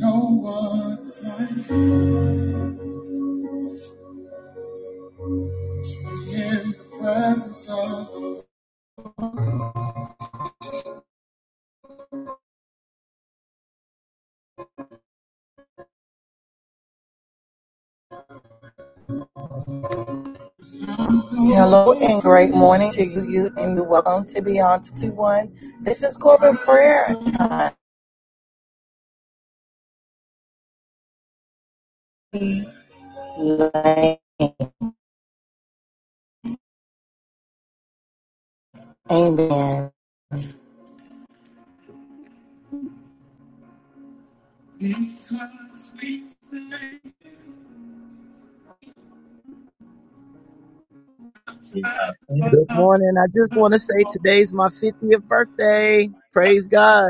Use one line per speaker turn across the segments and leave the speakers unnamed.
No like Hello and great morning to you, you and you. Welcome to Beyond 21. This is corporate prayer time. Amen.
Good morning. I just want to say today's my 50th birthday. Praise God.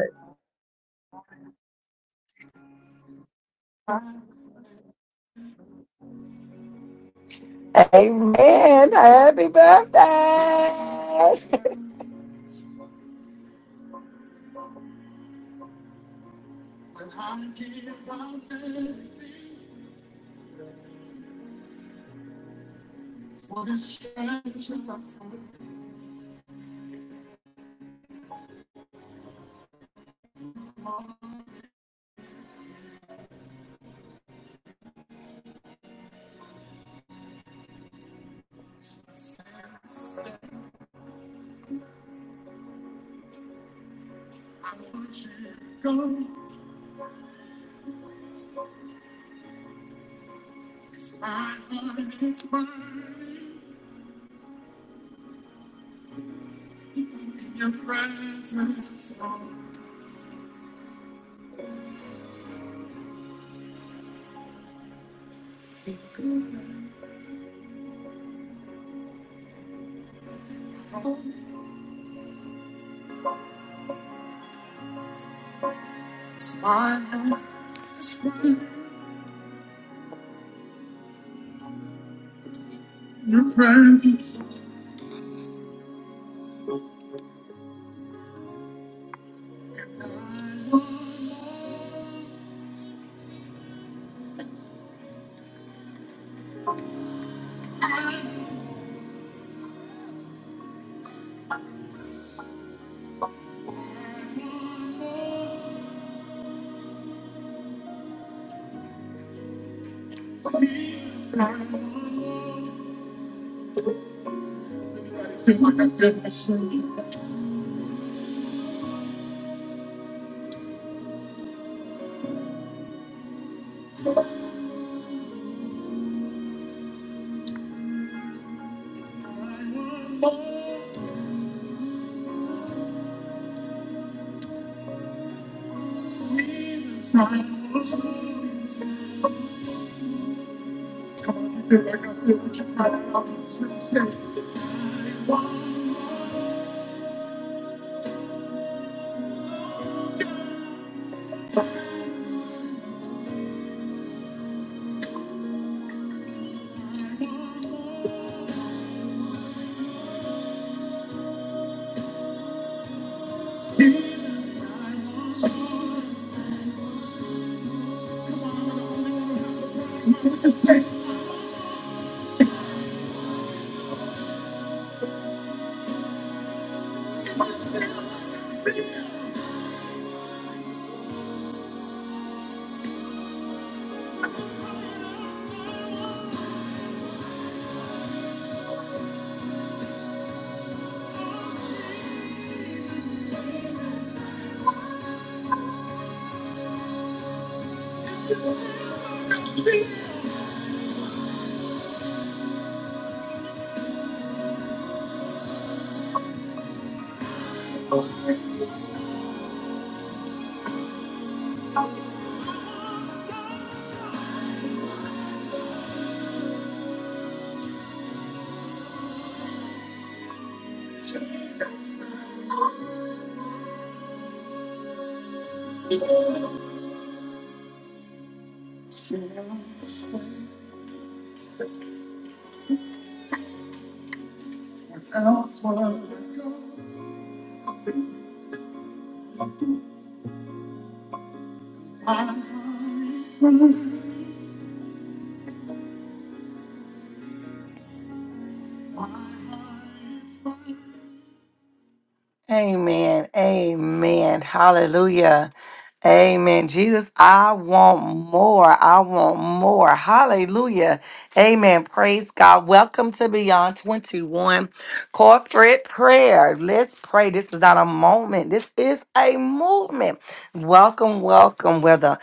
Amen. Happy birthday. your presence. your presence. I feel like I feel my soul. Come on, you feel like I feel what you're crying out. really Just stay. Stay. Amen. Amen. Hallelujah. Amen. Jesus, I want more. I want more. Hallelujah. Amen. Praise God. Welcome to Beyond 21 Corporate Prayer. Let's pray. This is not a moment, this is a movement. Welcome, welcome. Whether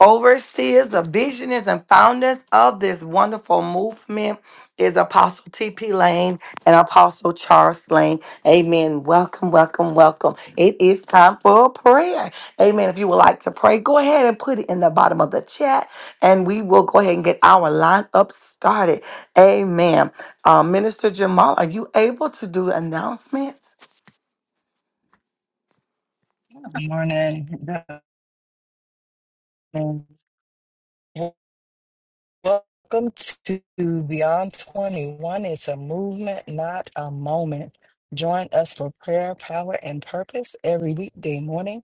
Overseers, the visionaries, and founders of this wonderful movement is Apostle T.P. Lane and Apostle Charles Lane. Amen. Welcome, welcome, welcome. It is time for a prayer. Amen. If you would like to pray, go ahead and put it in the bottom of the chat, and we will go ahead and get our lineup started. Amen. Uh, Minister Jamal, are you able to do announcements?
Good morning. Good morning. Welcome to Beyond 21. It's a movement, not a moment. Join us for prayer, power, and purpose every weekday morning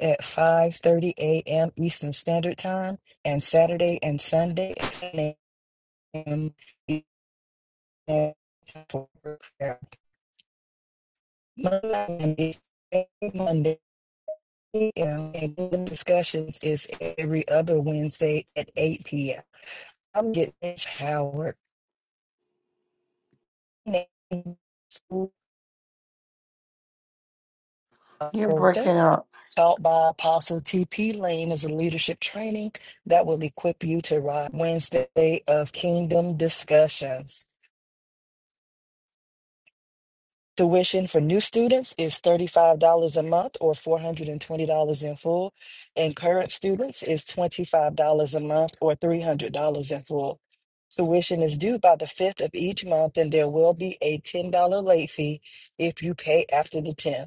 at 5:30 a.m. Eastern Standard Time and Saturday and Sunday at 10 a.m. Eastern for prayer. Monday is every Monday, a.m., and discussions is every other Wednesday at 8 p.m. I'm getting Mitch Howard.
You're breaking up.
taught by Apostle TP Lane is a leadership training that will equip you to ride Wednesday of Kingdom discussions. Tuition for new students is $35 a month or $420 in full, and current students is $25 a month or $300 in full. Tuition is due by the 5th of each month, and there will be a $10 late fee if you pay after the 10th.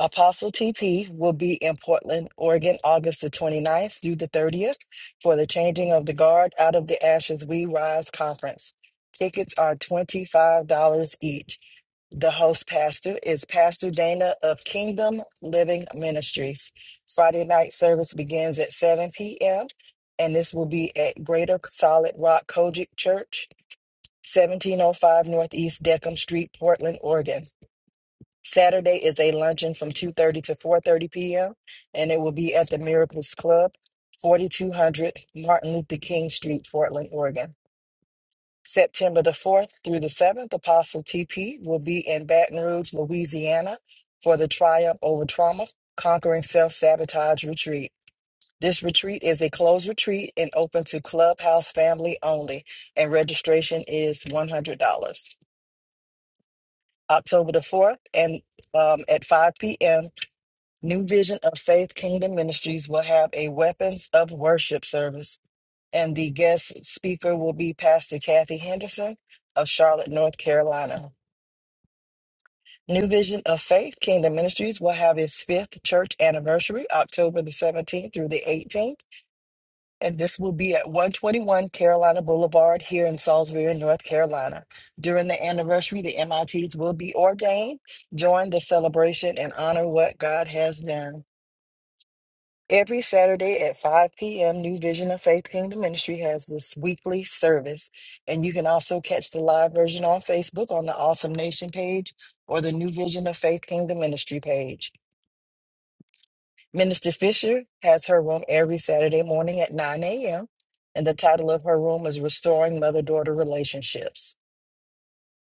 Apostle TP will be in Portland, Oregon, August the 29th through the 30th for the Changing of the Guard Out of the Ashes We Rise conference. Tickets are $25 each. The host pastor is Pastor Dana of Kingdom Living Ministries. Friday night service begins at 7 p.m. and this will be at Greater Solid Rock Kojic Church, 1705 Northeast Deckham Street, Portland, Oregon. Saturday is a luncheon from 2:30 to 4:30 p.m. and it will be at the Miracles Club, 4200 Martin Luther King Street, Portland, Oregon. September the 4th through the 7th, Apostle TP will be in Baton Rouge, Louisiana for the Triumph Over Trauma Conquering Self-Sabotage Retreat. This retreat is a closed retreat and open to Clubhouse family only, and registration is $100. October the 4th and um, at 5 p.m. New Vision of Faith Kingdom Ministries will have a Weapons of Worship service, and the guest speaker will be Pastor Kathy Henderson of Charlotte, North Carolina. New Vision of Faith Kingdom Ministries will have its fifth church anniversary, October the 17th through the 18th, and this will be at 121 Carolina Boulevard here in Salisbury, North Carolina. During the anniversary, the MITs will be ordained. Join the celebration and honor what God has done. Every Saturday at 5 p.m., New Vision of Faith Kingdom Ministry has this weekly service. And you can also catch the live version on Facebook on the Awesome Nation page or the New Vision of Faith Kingdom Ministry page. Minister Fisher has her room every Saturday morning at 9 a.m. And the title of her room is Restoring Mother Daughter Relationships.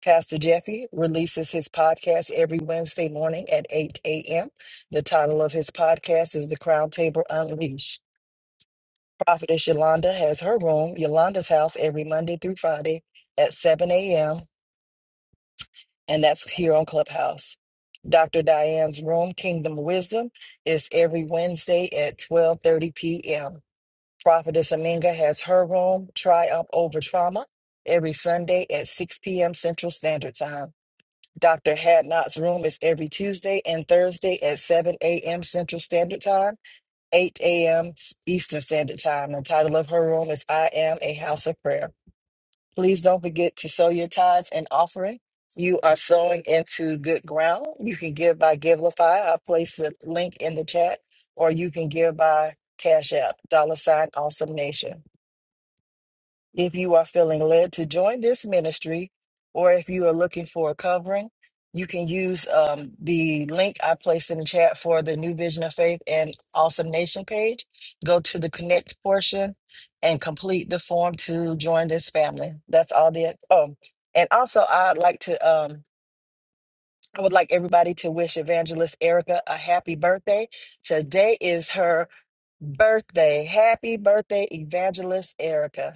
Pastor Jeffy releases his podcast every Wednesday morning at 8 a.m. The title of his podcast is The Crown Table Unleashed. Prophetess Yolanda has her room, Yolanda's house, every Monday through Friday at 7 a.m., and that's here on Clubhouse. Dr. Diane's room, Kingdom Wisdom, is every Wednesday at 12:30 p.m. Prophetess Aminga has her room, Triumph Over Trauma, every Sunday at 6 p.m. Central Standard Time. Dr. Hadnot's room is every Tuesday and Thursday at 7 a.m. Central Standard Time. 8 a.m. Eastern Standard Time. The title of her room is I Am a House of Prayer. Please don't forget to sow your tithes and offering. You are sowing into good ground. You can give by Givelify. I placed the link in the chat, or you can give by Cash App, dollar sign, awesome nation. If you are feeling led to join this ministry, or if you are looking for a covering, you can use um, the link I placed in the chat for the New Vision of Faith and Awesome Nation page. Go to the connect portion and complete the form to join this family. That's all the um. And also, I'd like to um. I would like everybody to wish Evangelist Erica a happy birthday. Today is her birthday. Happy birthday, Evangelist Erica.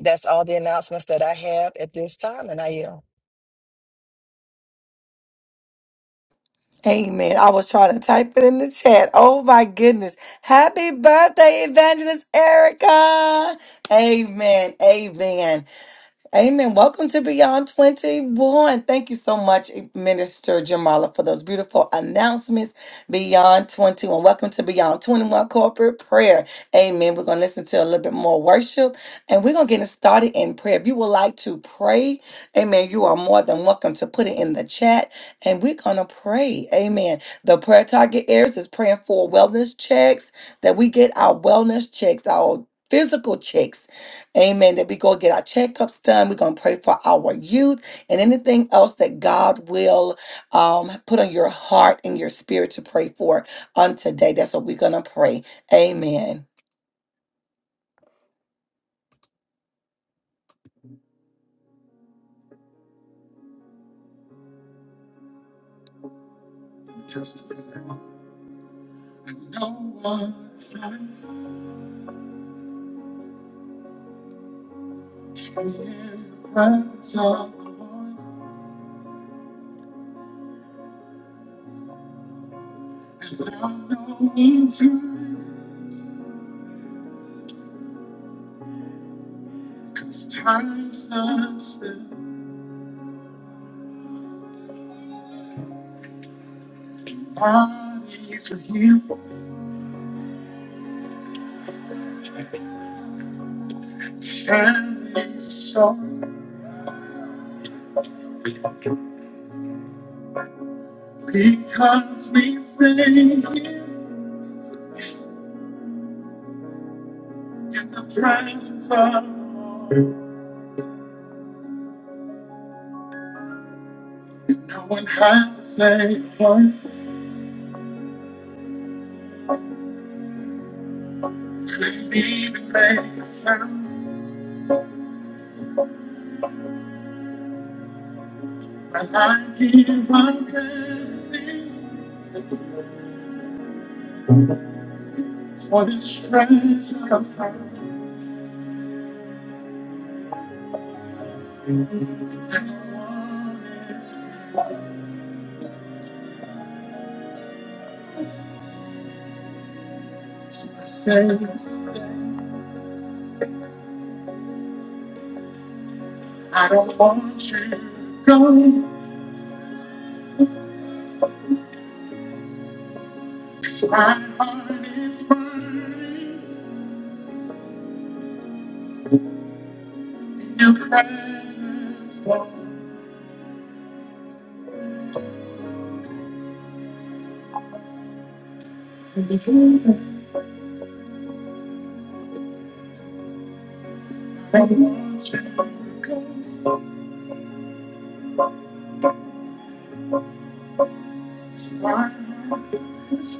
That's all the announcements that I have at this time, and I yield.
Amen. I was trying to type it in the chat. Oh my goodness. Happy birthday, Evangelist Erica. Amen. Amen. Amen. Welcome to Beyond 21. Thank you so much, Minister Jamala, for those beautiful announcements. Beyond 21. Welcome to Beyond 21 Corporate Prayer. Amen. We're going to listen to a little bit more worship and we're going to get it started in prayer. If you would like to pray, amen, you are more than welcome to put it in the chat and we're going to pray. Amen. The prayer target areas is praying for wellness checks, that we get our wellness checks, our physical checks Amen. That we go get our checkups done. We're going to pray for our youth and anything else that God will um, put on your heart and your spirit to pray for on today. That's what we're going to pray. Amen. Just no one time to be in the presence of the Lord and now no need to raise, Cause time stands still, bodies are healed, families are Because we stay in the presence of the Lord. No one had to say a word, couldn't even make a sound. But I give up everything for this treasure I found. And I want it to be safe, safe. I don't want you to go. 'cause My heart is burning in your presence, Lord. I want more. Does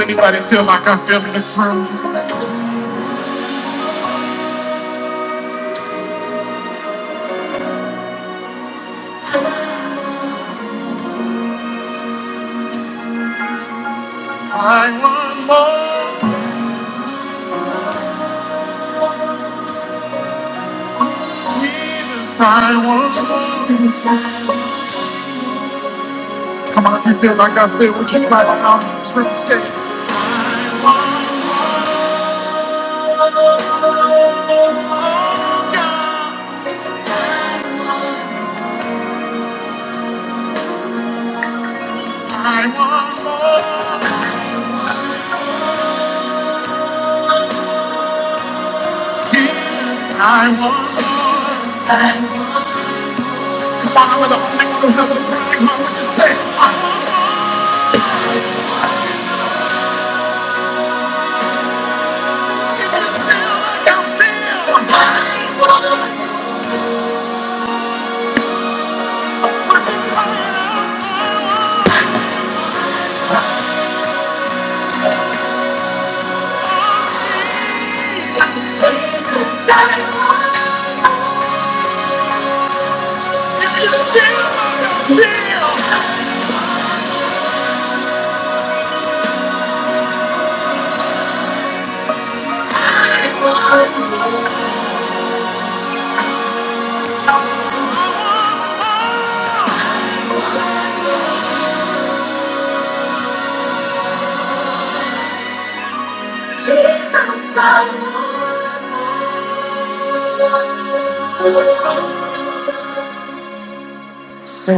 anybody feel like I feel in this room? I want more. Jesus, I want more. Come on, if you feel like I feel, would you cry out in this room? Say, I want more, God. I want more. Jesus, I want more. So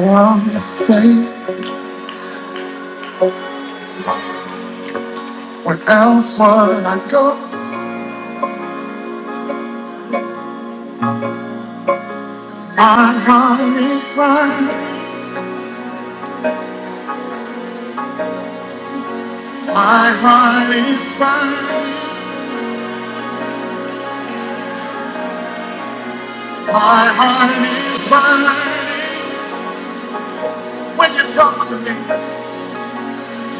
I'm the same. What else would I go? My heart is mine. My heart is mine. My heart is mine. When you talk to me.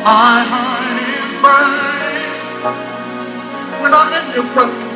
My heart is burning when I'm in your presence.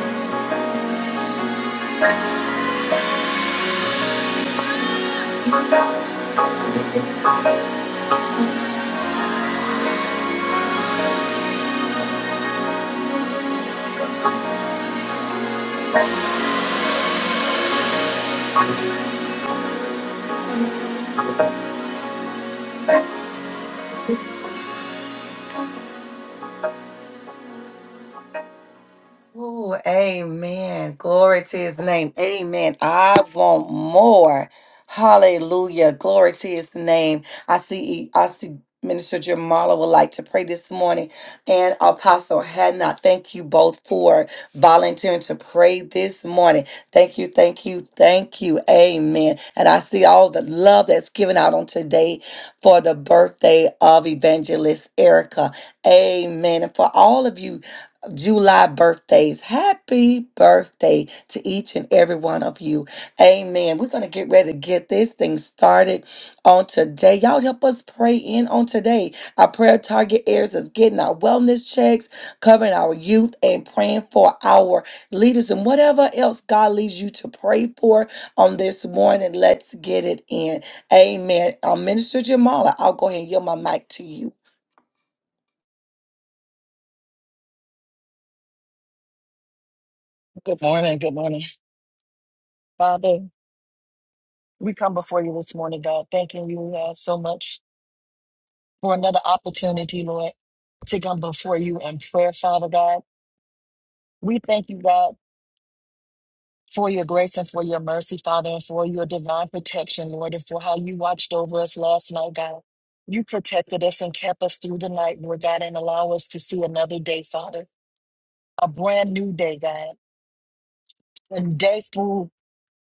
Ooh, amen. Glory to his name. Amen. I want more. Hallelujah. Glory to his name. I see I see Minister Jamala would like to pray this morning and Apostle Hadnot. Thank you both for volunteering to pray this morning. Thank you, thank you, thank you. Amen. And I see all the love that's given out on today for the birthday of Evangelist Erica. Amen. And for all of you July birthdays. Happy birthday to each and every one of you. Amen. We're going to get ready to get this thing started on today. Y'all help us pray in on today. Our prayer target areas is getting our wellness checks, covering our youth, and praying for our leaders and whatever else God leads you to pray for on this morning. Let's get it in. Amen. Uh, Minister Jamala, I'll go ahead and yield my mic to you.
Good morning. Good morning. Father, we come before you this morning, God, thanking you uh, so much for another opportunity, Lord, to come before you in prayer, Father God. We thank you, God, for your grace and for your mercy, Father, and for your divine protection, Lord, and for how you watched over us last night, God. You protected us and kept us through the night, Lord God, and allow us to see another day, Father, a brand new day, God. And day full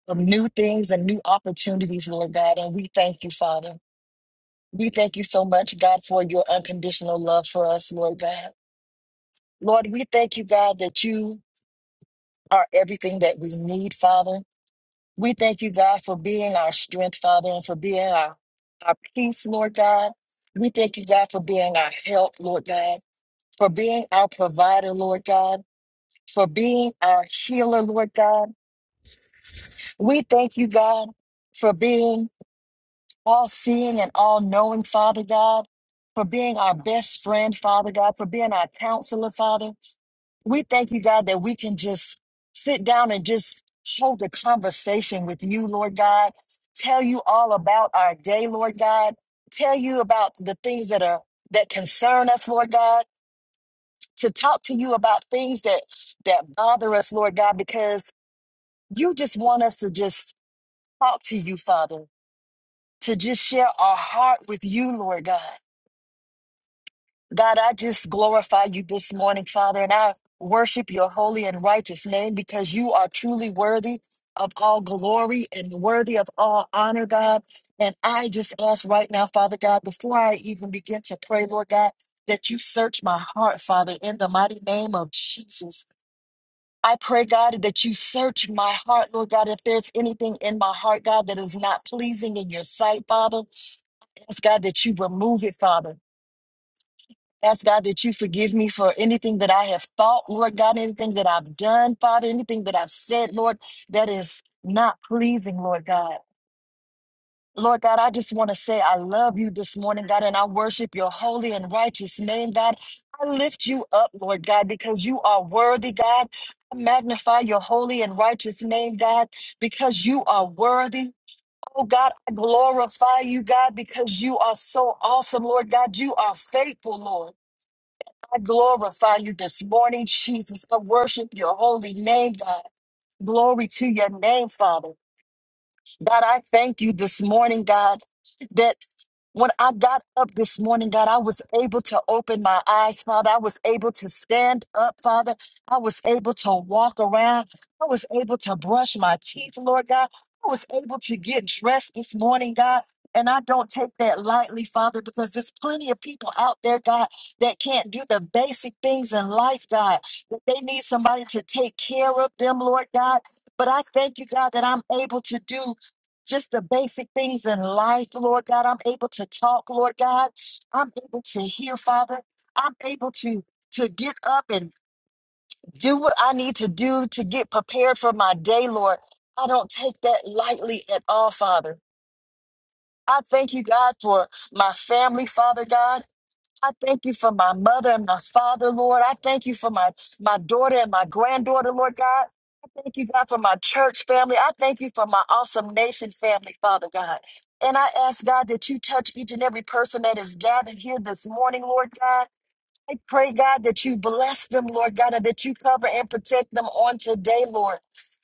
some new things and new opportunities, Lord God. And we thank you, Father. We thank you so much, God, for your unconditional love for us, Lord God. Lord, we thank you, God, that you are everything that we need, Father. We thank you, God, for being our strength, Father, and for being our, our peace, Lord God. We thank you, God, for being our help, Lord God, for being our provider, Lord God, for being our healer, Lord God. We thank you, God, for being all seeing and all knowing, Father God, for being our best friend, Father God, for being our counselor, Father. We thank you, God, that we can just sit down and just hold a conversation with you, Lord God. Tell you all about our day, Lord God. Tell you about the things that are that concern us, Lord God. To talk to you about things that that bother us, Lord God, because you just want us to just talk to you, Father. To just share our heart with you, Lord God. God, I just glorify you this morning, Father, and I worship your holy and righteous name because you are truly worthy of all glory and worthy of all honor, God. And I just ask right now, Father God, before I even begin to pray, Lord God, that you search my heart, Father, in the mighty name of Jesus. I pray, God, that you search my heart, Lord God, if there's anything in my heart, God, that is not pleasing in your sight, Father. Ask God that you remove it, Father. Ask God that you forgive me for anything that I have thought, Lord God, anything that I've done, Father, anything that I've said, Lord, that is not pleasing, Lord God. Lord God, I just want to say I love you this morning, God, and I worship your holy and righteous name, God. I lift you up, Lord God, because you are worthy, God. I magnify your holy and righteous name, God, because you are worthy. Oh God, I glorify you, God, because you are so awesome, Lord God. You are faithful, Lord. I glorify you this morning, Jesus. I worship your holy name, God. Glory to your name, Father. God, I thank you this morning, God. When I got up this morning, God, I was able to open my eyes, Father. I was able to stand up, Father. I was able to walk around. I was able to brush my teeth, Lord God. I was able to get dressed this morning, God. And I don't take that lightly, Father, because there's plenty of people out there, God, that can't do the basic things in life, God, that they need somebody to take care of them, Lord God. But I thank you, God, that I'm able to do just the basic things in life, Lord God. I'm able to talk, Lord God. I'm able to hear, Father. I'm able to to get up and do what I need to do to get prepared for my day, Lord. I don't take that lightly at all, Father. I thank you, God, for my family, Father God. I thank you for my mother and my father, Lord. I thank you for my, my daughter and my granddaughter, Lord God. I thank you, God, for my church family. I thank you for my awesome nation family, Father God. And I ask, God, that you touch each and every person that is gathered here this morning, Lord God. I pray, God, that you bless them, Lord God, and that you cover and protect them on today, Lord.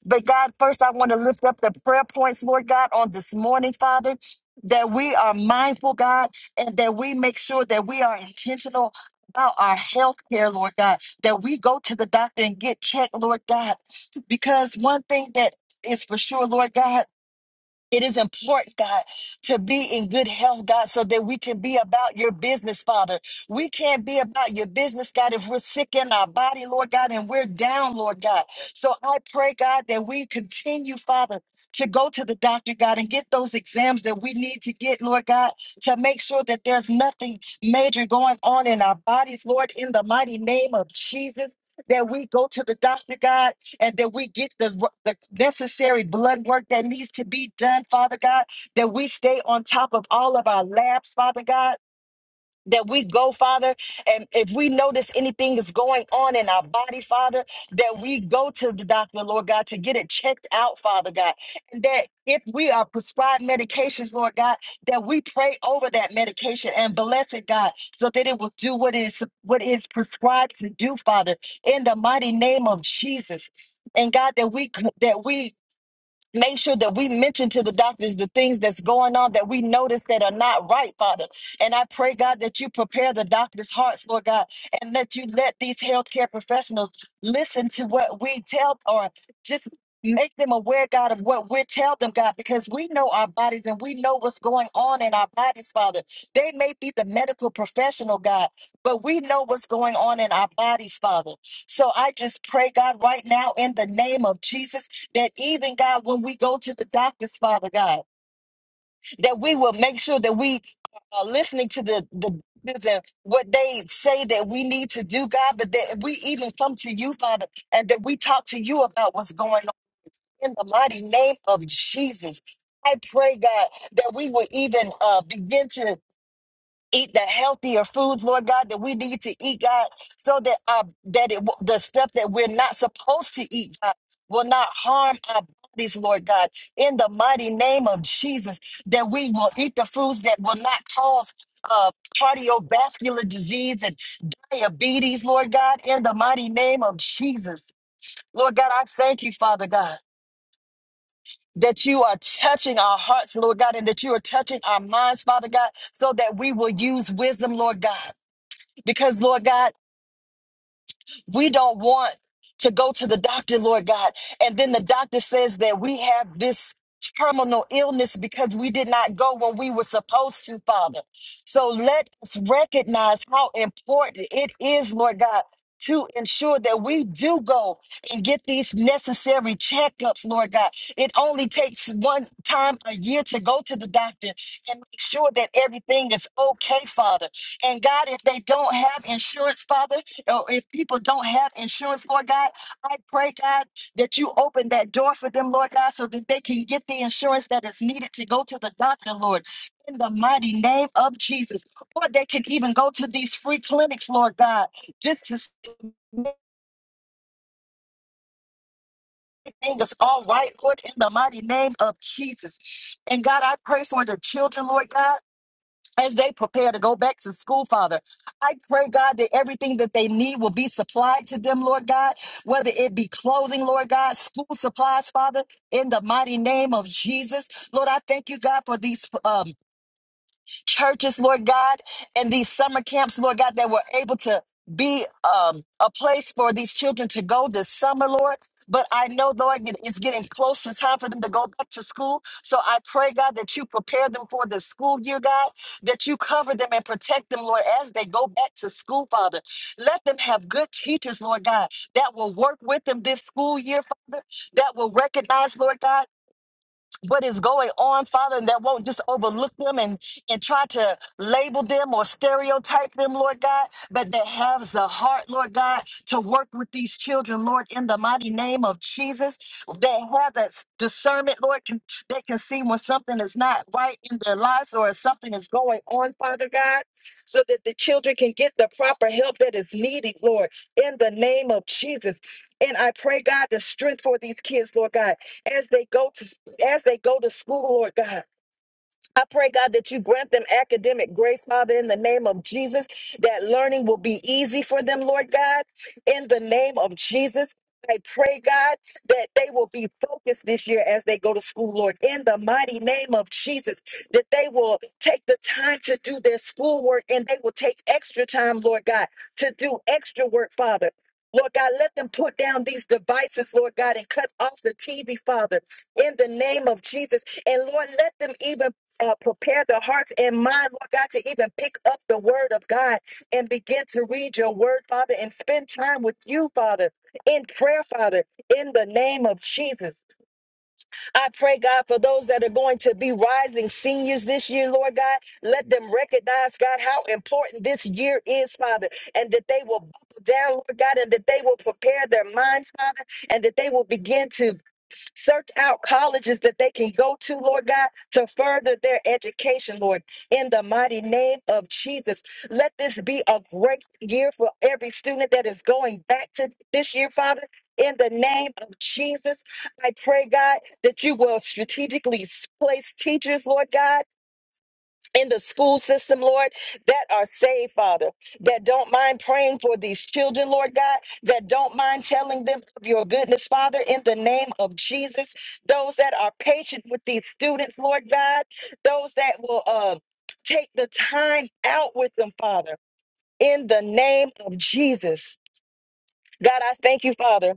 But God, first I want to lift up the prayer points, Lord God, on this morning, Father, that we are mindful, God, and that we make sure that we are intentional about our health care, Lord God, that we go to the doctor and get checked, Lord God. Because one thing that is for sure, Lord God. It is important, God, to be in good health, God, so that we can be about your business, Father. We can't be about your business, God, if we're sick in our body, Lord God, and we're down, Lord God. So I pray, God, that we continue, Father, to go to the doctor, God, and get those exams that we need to get, Lord God, to make sure that there's nothing major going on in our bodies, Lord, in the mighty name of Jesus. That we go to the doctor, God and that we get the, the necessary blood work that needs to be done, Father God, that we stay on top of all of our labs, Father God that we go, Father, and if we notice anything is going on in our body, Father, that we go to the doctor, Lord God, to get it checked out, Father God. And that if we are prescribed medications, Lord God, that we pray over that medication and bless it, God, so that it will do what is what is prescribed to do, Father, in the mighty name of Jesus. And God, that we that we Make sure that we mention to the doctors the things that's going on that we notice that are not right, Father. And I pray, God, that you prepare the doctors' hearts, Lord God, and that you let these healthcare professionals listen to what we tell or just make them aware, God, of what we tell them, God, because we know our bodies and we know what's going on in our bodies, Father. They may be the medical professional, God, but we know what's going on in our bodies, Father. So I just pray, God, right now in the name of Jesus that even God, when we go to the doctors, Father God, that we will make sure that we are listening to the the doctors and what they say that we need to do, God, but that we even come to you, Father, and that we talk to you about what's going on in the mighty name of Jesus. I pray, God, that we will even uh, begin to eat the healthier foods, Lord God, that we need to eat, God, so that uh, that it, the stuff that we're not supposed to eat, God, will not harm our bodies, Lord God. In the mighty name of Jesus, that we will eat the foods that will not cause uh, cardiovascular disease and diabetes, Lord God. In the mighty name of Jesus, Lord God, I thank you, Father God. That you are touching our hearts, Lord God, and that you are touching our minds, Father God, so that we will use wisdom, Lord God because Lord God, we don't want to go to the doctor, Lord God, and then the doctor says that we have this terminal illness because we did not go when we were supposed to, Father. So let us recognize how important it is, Lord God. To ensure that we do go and get these necessary checkups, Lord God. It only takes one time a year to go to the doctor and make sure that everything is okay, Father. And God, if they don't have insurance, Father, or if people don't have insurance, Lord God, I pray, God, that you open that door for them, Lord God, so that they can get the insurance that is needed to go to the doctor, Lord. In the mighty name of Jesus. Or they can even go to these free clinics, Lord God, just to make things all right, Lord, in the mighty name of Jesus. And God, I pray for the children, Lord God. as they prepare to go back to school, Father. I pray, God, that everything that they need will be supplied to them, Lord God, whether it be clothing, Lord God, school supplies, Father, in the mighty name of Jesus. Lord, I thank you, God, for these. um, churches, Lord God, and these summer camps, Lord God, that were able to be um, a place for these children to go this summer, Lord. But I know, Lord, it- it's getting close to time for them to go back to school. So I pray, God, that you prepare them for the school year, God, that you cover them and protect them, Lord, as they go back to school, Father. Let them have good teachers, Lord God, that will work with them this school year, Father, that will recognize, Lord God what is going on, Father, and that won't just overlook them and, and try to label them or stereotype them, Lord God, but that has the heart, Lord God, to work with these children, Lord, in the mighty name of Jesus, that have that s- discernment, Lord, can, that can see when something is not right in their lives or if something is going on, Father God, so that the children can get the proper help that is needed, Lord, in the name of Jesus. And I pray, God, the strength for these kids, Lord God, as they go to as they go to school, Lord God. I pray, God, that you grant them academic grace, Father, in the name of Jesus, that learning will be easy for them, Lord God, in the name of Jesus. I pray, God, that they will be focused this year as they go to school, Lord, in the mighty name of Jesus, that they will take the time to do their schoolwork and they will take extra time, Lord God, to do extra work, Father. Lord God, let them put down these devices, Lord God, and cut off the TV, Father, in the name of Jesus. And Lord, let them even uh, prepare the hearts and mind, Lord God, to even pick up the word of God and begin to read your word, Father, and spend time with you, Father, in prayer, Father, in the name of Jesus. I pray, God, for those that are going to be rising seniors this year, Lord God, let them recognize, God, how important this year is, Father, and that they will buckle down, Lord God, and that they will prepare their minds, Father, and that they will begin to Search out colleges that they can go to, Lord God, to further their education, Lord, in the mighty name of Jesus. Let this be a great year for every student that is going back to this year, Father. In the name of Jesus, I pray, God, that you will strategically place teachers, Lord God in the school system, Lord, that are saved, Father, that don't mind praying for these children, Lord God, that don't mind telling them of your goodness, Father, in the name of Jesus. Those that are patient with these students, Lord God, those that will uh, take the time out with them, Father, in the name of Jesus. God, I thank you, Father.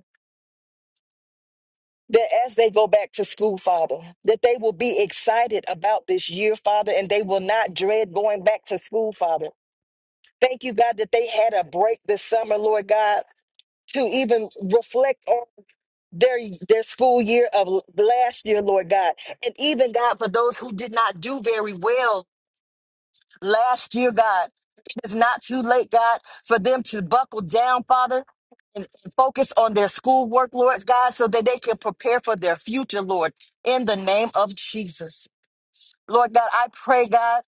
That as they go back to school, Father, that they will be excited about this year, Father, and they will not dread going back to school, Father Thank you, God, that they had a break this summer, Lord God, to even reflect on their their school year of l- last year, Lord God. And even God, for those who did not do very well last year, God, it is not too late, God, for them to buckle down, Father. And and focus on their schoolwork, Lord God, so that they can prepare for their future, Lord, in the name of Jesus. Lord God, I pray, God.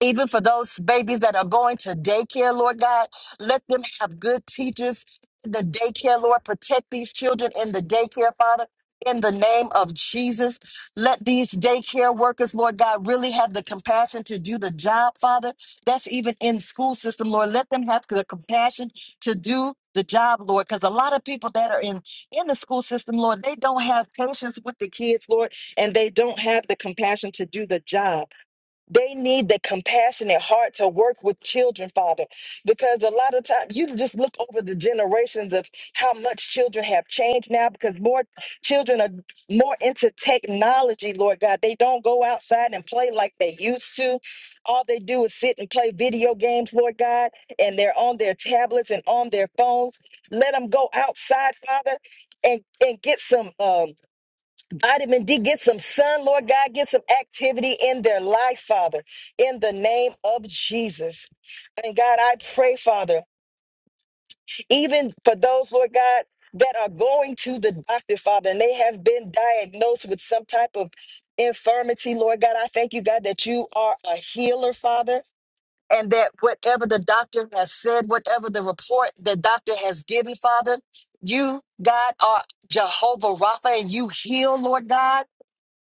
even for those babies that are going to daycare, Lord God, let them have good teachers in the daycare, Lord. Protect these children in the daycare, Father. In the name of Jesus, let these daycare workers, Lord God, really have the compassion to do the job, Father. That's even in school system, Lord. Let them have the compassion to do the job, Lord. Because a lot of people that are in in the school system, Lord, they don't have patience with the kids, Lord, and they don't have the compassion to do the job. They need the compassionate heart to work with children, Father, because a lot of times you just look over the generations of how much children have changed now because more children are more into technology, Lord God. They don't go outside and play like they used to. All they do is sit and play video games, Lord God, and they're on their tablets and on their phones. Let them go outside, Father, and, and get some. Um, Vitamin D, get some sun, Lord God, get some activity in their life, Father, in the name of Jesus. And God, I pray, Father, even for those, Lord God, that are going to the doctor, Father, and they have been diagnosed with some type of infirmity, Lord God, I thank you, God, that you are a healer, Father. And that whatever the doctor has said, whatever the report the doctor has given, Father, you, God, are Jehovah Rapha, and you heal, Lord God.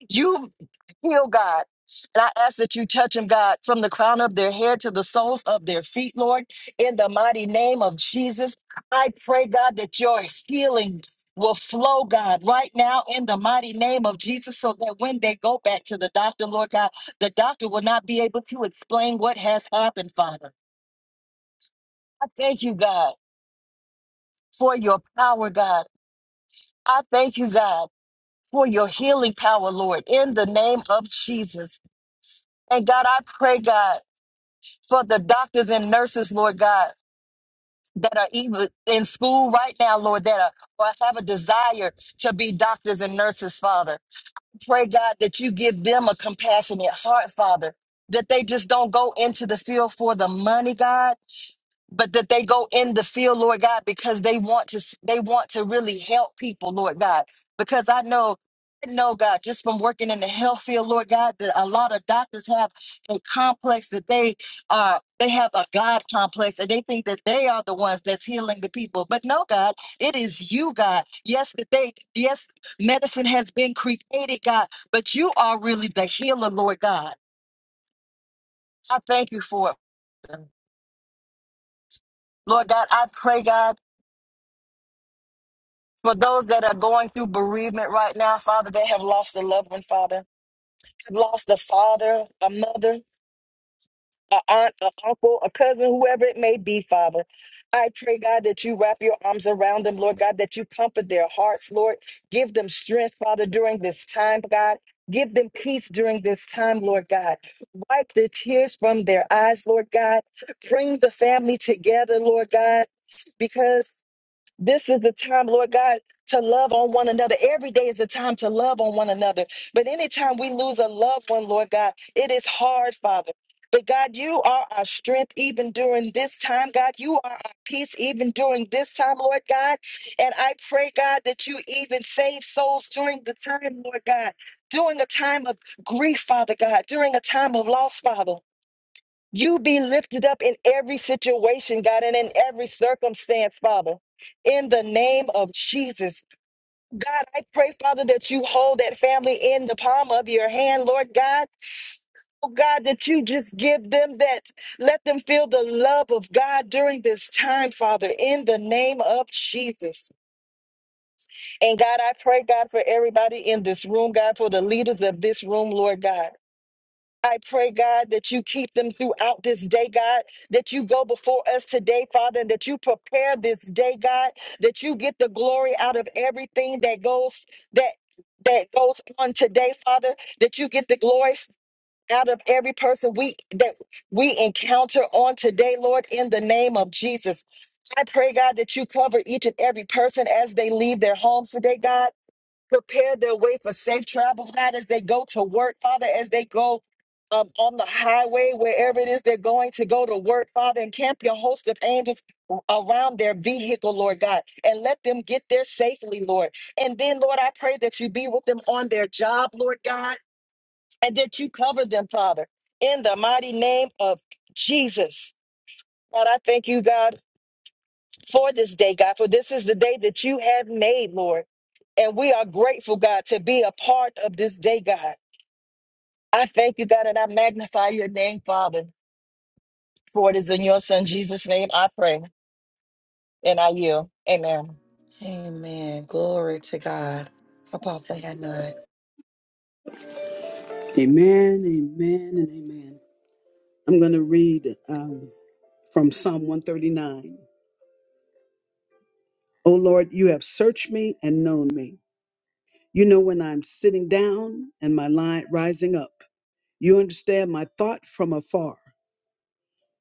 You heal God. And I ask that you touch them, God, from the crown of their head to the soles of their feet, Lord, in the mighty name of Jesus. I pray, God, that your healing will flow, God, right now in the mighty name of Jesus, so that when they go back to the doctor, Lord God, the doctor will not be able to explain what has happened, Father. I thank you, God, for your power, God. I thank you, God, for your healing power, Lord, in the name of Jesus. And God, I pray, God. for the doctors and nurses, Lord God, that are even in school right now, Lord, that are or have a desire to be doctors and nurses, Father. Pray, God, that you give them a compassionate heart, Father, that they just don't go into the field for the money, God, but that they go in the field, Lord God, because they want to they want to really help people, Lord God. Because I know I know God, just from working in the health field, Lord God, that a lot of doctors have a complex that they uh they have a God complex and they think that they are the ones that's healing the people. But no, God, it is you, God. Yes, that they yes, medicine has been created, God, but you are really the healer, Lord God. I thank you for it. Lord God, I pray, God. For those that are going through bereavement right now, Father, they have lost a loved one, Father, lost a father, a mother, a aunt, a uncle, a cousin, whoever it may be, Father. I pray, God, that you wrap your arms around them, Lord God, that you comfort their hearts, Lord. Give them strength, Father, during this time, God. Give them peace during this time, Lord God. Wipe the tears from their eyes, Lord God. Bring the family together, Lord God because. This is the time, Lord God, to love on one another. Every day is a time to love on one another. But anytime we lose a loved one, Lord God, it is hard, Father. But God, you are our strength even during this time, God. You are our peace even during this time, Lord God. And I pray, God, that you even save souls during the time, Lord God. During a time of grief, Father God, during a time of loss, Father. You be lifted up in every situation, God, and in every circumstance, Father. In the name of Jesus, God, I pray, Father, that you hold that family in the palm of your hand, Lord God. Oh, God, that you just give them that, let them feel the love of God during this time, Father, in the name of Jesus. And God, I pray, God, for everybody in this room, God, for the leaders of this room, Lord God. I pray, God, that you keep them throughout this day, God, that you go before us today, Father, and that you prepare this day, God, that you get the glory out of everything that goes that that goes on today, Father, that you get the glory out of every person we that we encounter on today, Lord, in the name of Jesus. I pray, God, that you cover each and every person as they leave their homes today, God prepare their way for safe travel, God, as they go to work, Father, as they go um, on the highway, wherever it is they're going to go to work, Father, and camp your host of angels around their vehicle, Lord God, and let them get there safely, Lord. And then, Lord, I pray that you be with them on their job, Lord God, and that you cover them, Father, in the mighty name of Jesus. God, I thank you, God for this day, God, for this is the day that you have made, Lord. And we are grateful, God, to be a part of this day, God. I thank you, God, and I magnify your name, Father, for it is in your Son, Jesus' name, I pray and I yield. Amen.
Amen. Glory to God. Apostle had not.
Amen, amen, and amen. I'm going to read um, from Psalm 139. O Lord, you have searched me and known me. You know when I'm sitting down and my line rising up. You understand my thought from afar.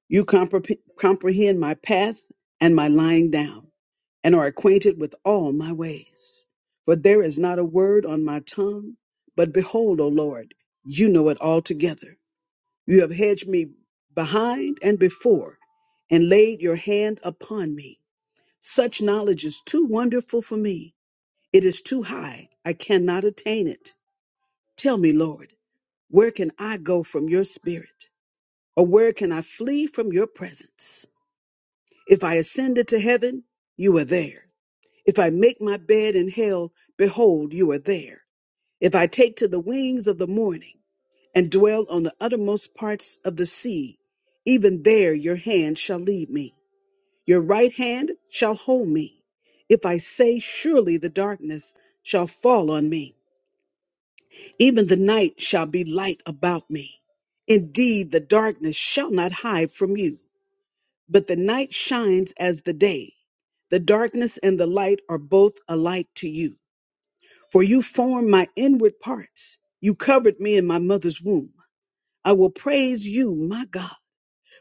You compre- comprehend my path and my lying down, and are acquainted with all my ways. For there is not a word on my tongue, but behold, O Lord, you know it altogether. You have hedged me behind and before and laid your hand upon me. Such knowledge is too wonderful for me. It is too high. I cannot attain it. Tell me, Lord, where can I go from your spirit? Or where can I flee from your presence? If I ascend into heaven, you are there. If I make my bed in hell, behold, you are there. If I take to the wings of the morning, and dwell on the uttermost parts of the sea. Even there your hand shall lead me, your right hand shall hold me. If I say, Surely the darkness shall fall on me, even the night shall be light about me. Indeed, the darkness shall not hide from you, but the night shines as the day. The darkness and the light are both alike to you, for you formed my inward parts. You covered me in my mother's womb. I will praise you, my God.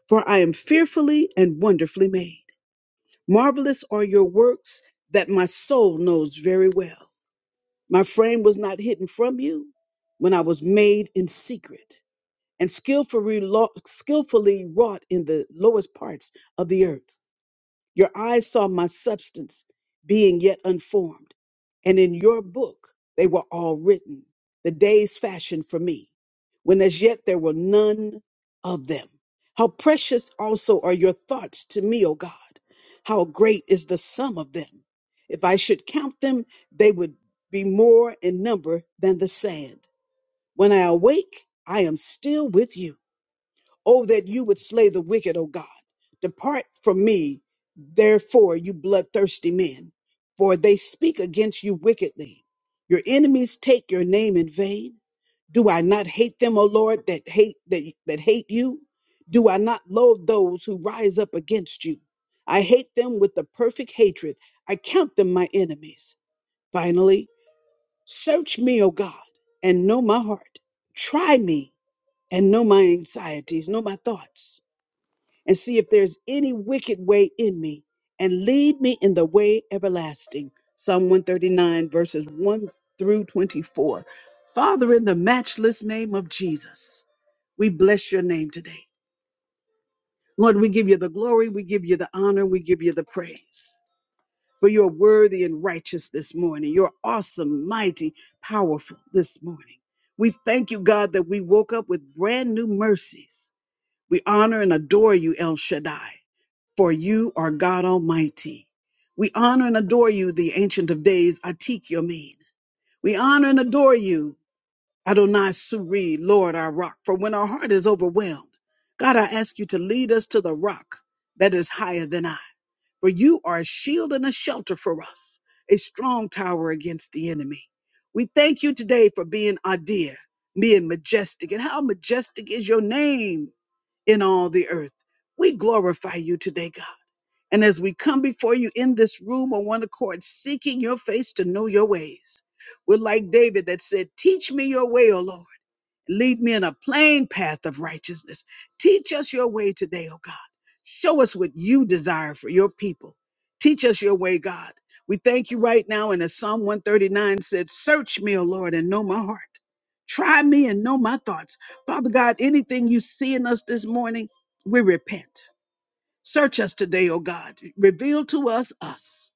for I am fearfully and wonderfully made. Marvelous are your works that my soul knows very well. My frame was not hidden from you when I was made in secret and skillfully, lo- skillfully wrought in the lowest parts of the earth. Your eyes saw my substance being yet unformed, and in your book they were all written, the days fashioned for me, when as yet there were none of them. How precious also are your thoughts to me, O God. How great is the sum of them. If I should count them, they would be more in number than the sand. When I awake, I am still with you. Oh, that you would slay the wicked, O God. Depart from me, therefore, you bloodthirsty men, for they speak against you wickedly. Your enemies take your name in vain. Do I not hate them, O Lord, that hate that, that hate you? Do I not loathe those who rise up against you? I hate them with the perfect hatred. I count them my enemies. Finally, search me, O God, and know my heart. Try me and know my anxieties, know my thoughts and see if there's any wicked way in me, and lead me in the way everlasting. Psalm 139, verses 1 through 24. Father, in the matchless name of Jesus, we bless your name today. Lord, we give you the glory, we give you the honor, we give you the praise. For you're worthy and righteous this morning. You're awesome, mighty, powerful this morning. We thank you, God, that we woke up with brand new mercies. We honor and adore you, El Shaddai for you are God Almighty. We honor and adore you, the Ancient of Days, Atik Yomin. We honor and adore you, Adonai Suri, Lord our rock, for when our heart is overwhelmed, God, I ask you to lead us to the rock that is higher than I. For you are a shield and a shelter for us, a strong tower against the enemy. We thank you today for being our dear, being majestic, and how majestic is your name in all the earth. We glorify you today, God. And as we come before you in this room on one accord, seeking your face to know your ways, we're like David that said, Teach me your way, O Lord. Lead me in a plain path of righteousness. Teach us your way today, O God. Show us what you desire for your people. Teach us your way, God. We thank you right now. And as Psalm 139 said, Search me, O Lord, and know my heart. Try me and know my thoughts. Father God, anything you see in us this morning, we repent. Search us today, O God. Reveal to us us.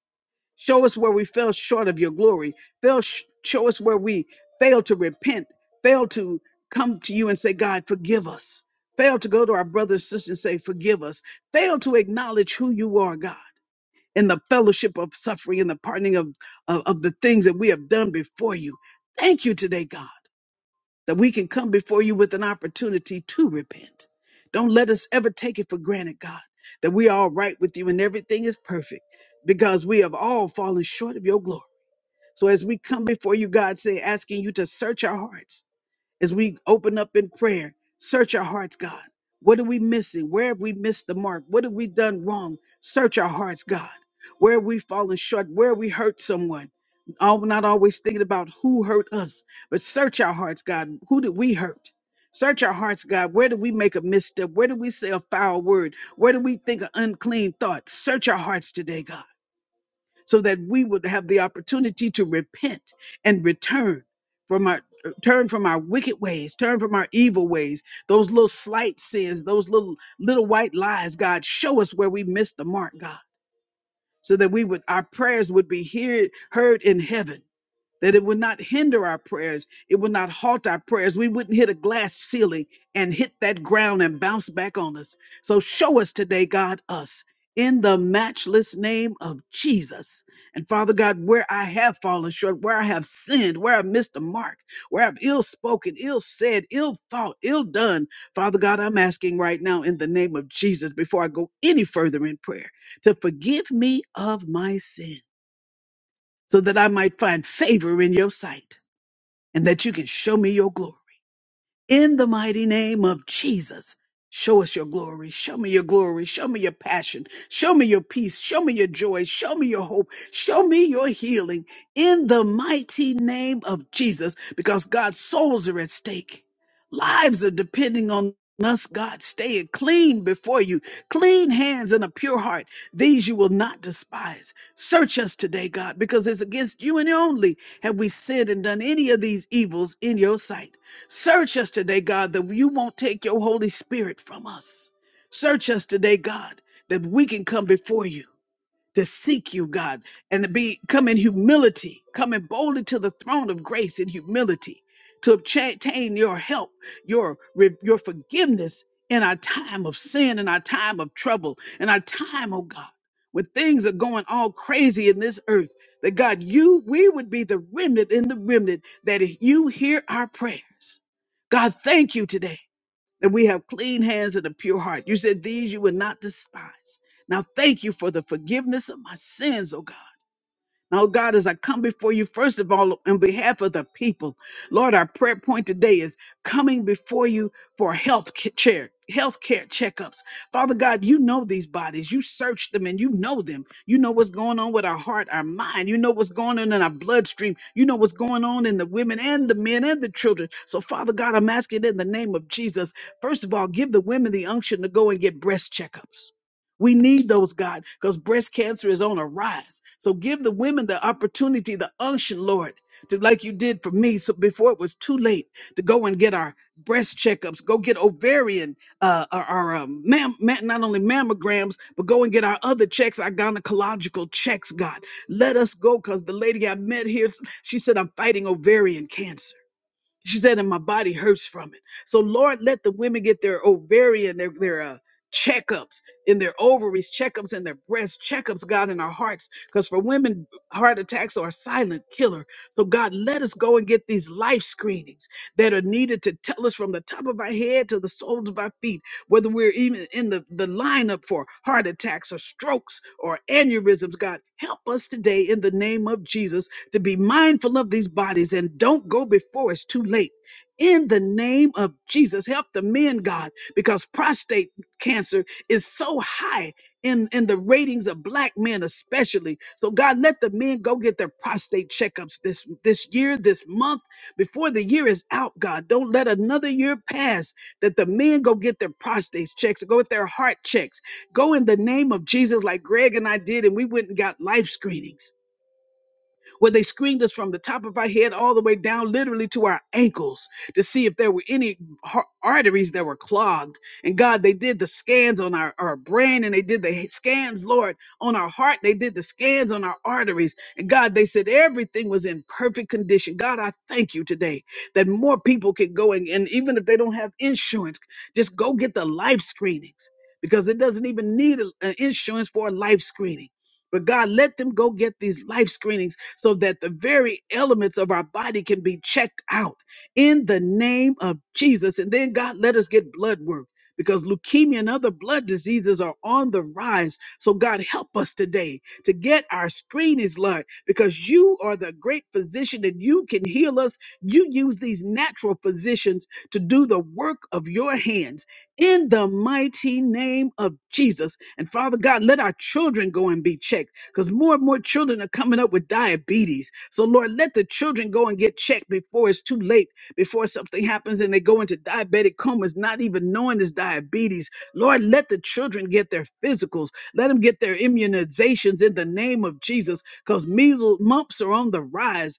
Show us where we fell short of your glory. Fail, show us where we failed to repent, failed to come to you and say, God, forgive us. Failed to go to our brothers and sisters and say, forgive us. Failed to acknowledge who you are, God, in the fellowship of suffering and the pardoning of, of, of the things that we have done before you. Thank you today, God that we can come before you with an opportunity to repent. Don't let us ever take it for granted, God, that we are all right with you and everything is perfect because we have all fallen short of your glory. So as we come before you, God, say, asking you to search our hearts as we open up in prayer, search our hearts, God. What are we missing? Where have we missed the mark? What have we done wrong? Search our hearts, God. Where have we fallen short? Where have we hurt someone? All, not always thinking about who hurt us, but search our hearts, God. Who did we hurt? Search our hearts, God. Where did we make a misstep? Where did we say a foul word? Where did we think an unclean thought? Search our hearts today, God so that we would have the opportunity to repent and return from our turn from our wicked ways turn from our evil ways those little slight sins those little little white lies god show us where we missed the mark god so that we would our prayers would be heard heard in heaven that it would not hinder our prayers, it would not halt our prayers. We wouldn't hit a glass ceiling and hit that ground and bounce back on us. So show us today, God, us in the matchless name of Jesus. And Father God, where I have fallen short, where I have sinned, where I've missed the mark, where I've ill spoken, ill said, ill thought, ill done, Father God, I'm asking right now in the name of Jesus, before I go any further in prayer, to forgive me of my sin so that I might find favor in your sight and that you can show me your glory. In the mighty name of Jesus, show us your glory. Show me your glory. Show me your passion. Show me your peace. Show me your joy. Show me your hope. Show me your healing. In the mighty name of Jesus, because God's souls are at stake. Lives are depending on us, God. Stay it clean before you. Clean hands and a pure heart. These you will not despise. Search us today, God, because it's against you and only have we sinned and done any of these evils in your sight. Search us today, God, that you won't take your Holy Spirit from us. Search us today, God, that we can come before you to seek you, God, and to be come in humility, coming boldly to the throne of grace in humility to obtain your help, your re- your forgiveness in our time of sin, in our time of trouble, in our time, oh God, when things are going all crazy in this earth, that God, you we would be the remnant in the remnant that you hear our prayers. God, thank you today that we have clean hands and a pure heart. You said these you would not despise. Now thank you for the forgiveness of my sins, oh God. Now, God, as I come before you, first of all, on behalf of the people, Lord, our prayer point today is coming before you for health ca- care, health care checkups. Father God, you know these bodies. You search them and you know them. You know what's going on with our heart, our mind. You know what's going on in our bloodstream. You know what's going on in the women and the men and the children. So, Father God, I'm asking in the name of Jesus, first of all, give the women the unction to go and get breast checkups. We need those, God, because breast cancer is on a rise. So give the women the opportunity, the unction, Lord, to like you did for me. So before it was too late to go and get our breast checkups, go get ovarian, uh, our, our um, mam- ma- not only mammograms, but go and get our other checks, our gynecological checks, God. Let us go because the lady I met here, she said, I'm fighting ovarian cancer. She said, and my body hurts from it. So, Lord, let the women get their ovarian, their, their uh, checkups in their ovaries, checkups in their breast, checkups, God, in our hearts. Because for women, heart attacks are a silent killer. So, God, let us go and get these life screenings that are needed to tell us from the top of our head to the soles of our feet whether we're even in the, the lineup for heart attacks or strokes or aneurysms. God, help us today in the name of Jesus to be mindful of these bodies and don't go before it's too late. In the name of Jesus, help the men, God, because prostate cancer is so high in, in the ratings of black men, especially. So, God, let the men go get their prostate checkups this, this year, this month, before the year is out, God. Don't let another year pass that the men go get their prostate checks, go get their heart checks. Go in the name of Jesus, like Greg and I did, and we went and got life screenings where they screened us from the top of our head all the way down literally to our ankles to see if there were any har- arteries that were clogged. And God, they did the scans on our, our brain and they did the scans, Lord, on our heart. They did the scans on our arteries. And God, they said everything was in perfect condition. God, I thank you today that more people can go and, and even if they don't have insurance, just go get the life screenings because it doesn't even need a- a insurance for a life screening but God, let them go get these life screenings so that the very elements of our body can be checked out in the name of Jesus. And then, God, let us get blood work because leukemia and other blood diseases are on the rise. So, God, help us today to get our screenings, Lord, because you are the great physician and you can heal us. You use these natural physicians to do the work of your hands in the mighty name of Jesus. And Father God, let our children go and be checked because more and more children are coming up with diabetes. So, Lord, let the children go and get checked before it's too late, before something happens and they go into diabetic comas, not even knowing it's diabetes. Lord, let the children get their physicals, let them get their immunizations in the name of Jesus because measles, mumps are on the rise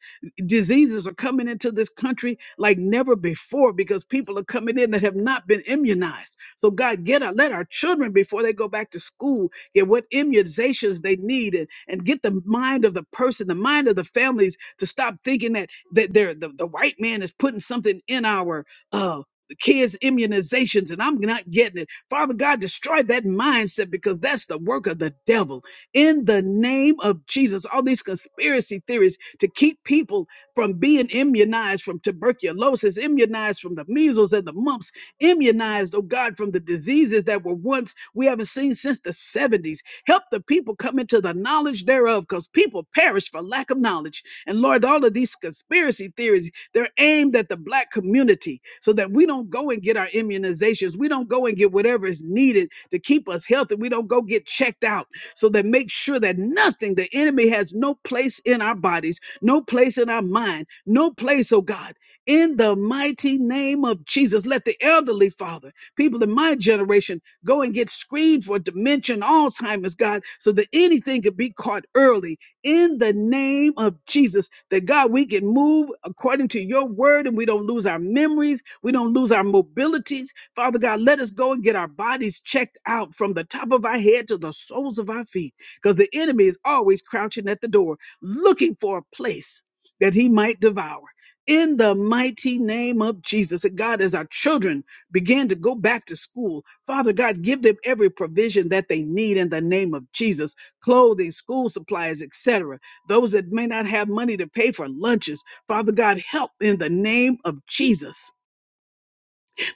diseases are coming into this country like never before because people are coming in that have not been immunized. So God, get our, let our children before they go back to school get what immunizations they need and, and get the mind of the person, the mind of the families to stop thinking that that they're, the, the white man is putting something in our uh kids immunizations and I'm not getting it. Father God, destroy that mindset because that's the work of the devil. In the name of Jesus, all these conspiracy theories to keep people from being immunized from tuberculosis, immunized from the measles and the mumps, immunized, oh God, from the diseases that were once we haven't seen since the 70s. Help the people come into the knowledge thereof because people perish for lack of knowledge. And Lord, all of these conspiracy theories, they're aimed at the black community so that we don't go and get our immunizations. We don't go and get whatever is needed to keep us healthy. We don't go get checked out so that make sure that nothing, the enemy has no place in our bodies no place in our mind, no place, oh God. In the mighty name of Jesus, let the elderly, Father, people in my generation, go and get screened for dementia, and Alzheimer's, God, so that anything could be caught early. In the name of Jesus, that God, we can move according to your word and we don't lose our memories, we don't lose our mobilities. Father God, let us go and get our bodies checked out from the top of our head to the soles of our feet because the enemy is always crouching at the door looking for a place that he might devour. In the mighty name of Jesus, and God, as our children began to go back to school, Father God, give them every provision that they need in the name of Jesus clothing, school supplies, etc. Those that may not have money to pay for lunches, Father God, help in the name of Jesus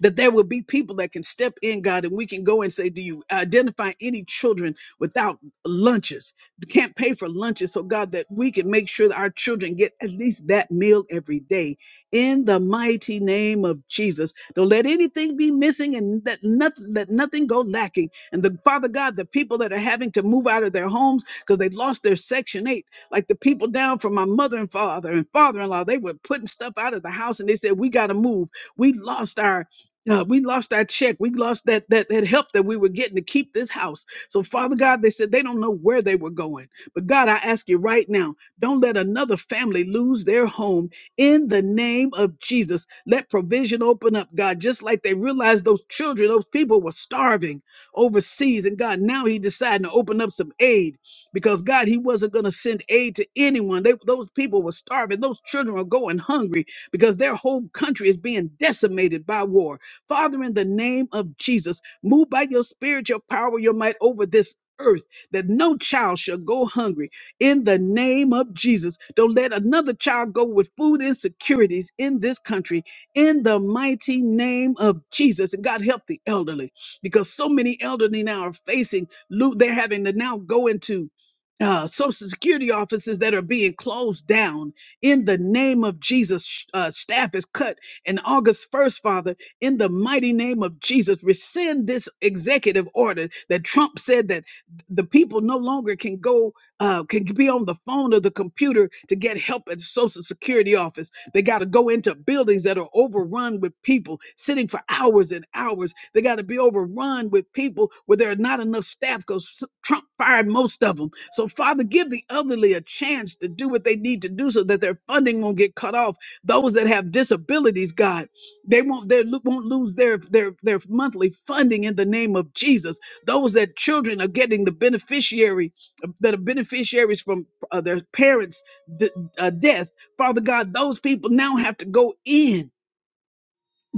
that there will be people that can step in, God, and we can go and say, Do you identify any children without lunches? Can't pay for lunches. So, God, that we can make sure that our children get at least that meal every day. In the mighty name of Jesus, don't let anything be missing and let nothing, let nothing go lacking. And the Father God, the people that are having to move out of their homes because they lost their Section 8, like the people down from my mother and father and father in law, they were putting stuff out of the house and they said, We got to move. We lost our uh, we lost that check. We lost that, that that help that we were getting to keep this house. So, Father God, they said they don't know where they were going. But God, I ask you right now, don't let another family lose their home in the name of Jesus. Let provision open up, God, just like they realized those children, those people were starving overseas. And God, now He decided to open up some aid because God, He wasn't going to send aid to anyone. They, those people were starving. Those children are going hungry because their whole country is being decimated by war. Father, in the name of Jesus, move by your spirit, your power, your might over this earth that no child shall go hungry in the name of Jesus. Don't let another child go with food insecurities in this country in the mighty name of Jesus. And God help the elderly because so many elderly now are facing, lo- they're having to now go into uh, social security offices that are being closed down in the name of Jesus. Sh- Uh, staff is cut. And August 1st, Father, in the mighty name of Jesus. Rescind this executive order that Trump said that the people no longer can go, uh, can be on the phone or the computer to get help at the Social Security office. They got to go into buildings that are overrun with people sitting for hours and hours. They got to be overrun with people where there are not enough staff because Trump fired most of them. So, Father, give the elderly a chance to do what they need to do so that their funding won't get cut off. Those that have disabilities, God. They won't they lo- won't lose their their their monthly funding in the name of Jesus. Those that children are getting the beneficiary that are beneficiaries from uh, their parents' d- uh, death, Father God, those people now have to go in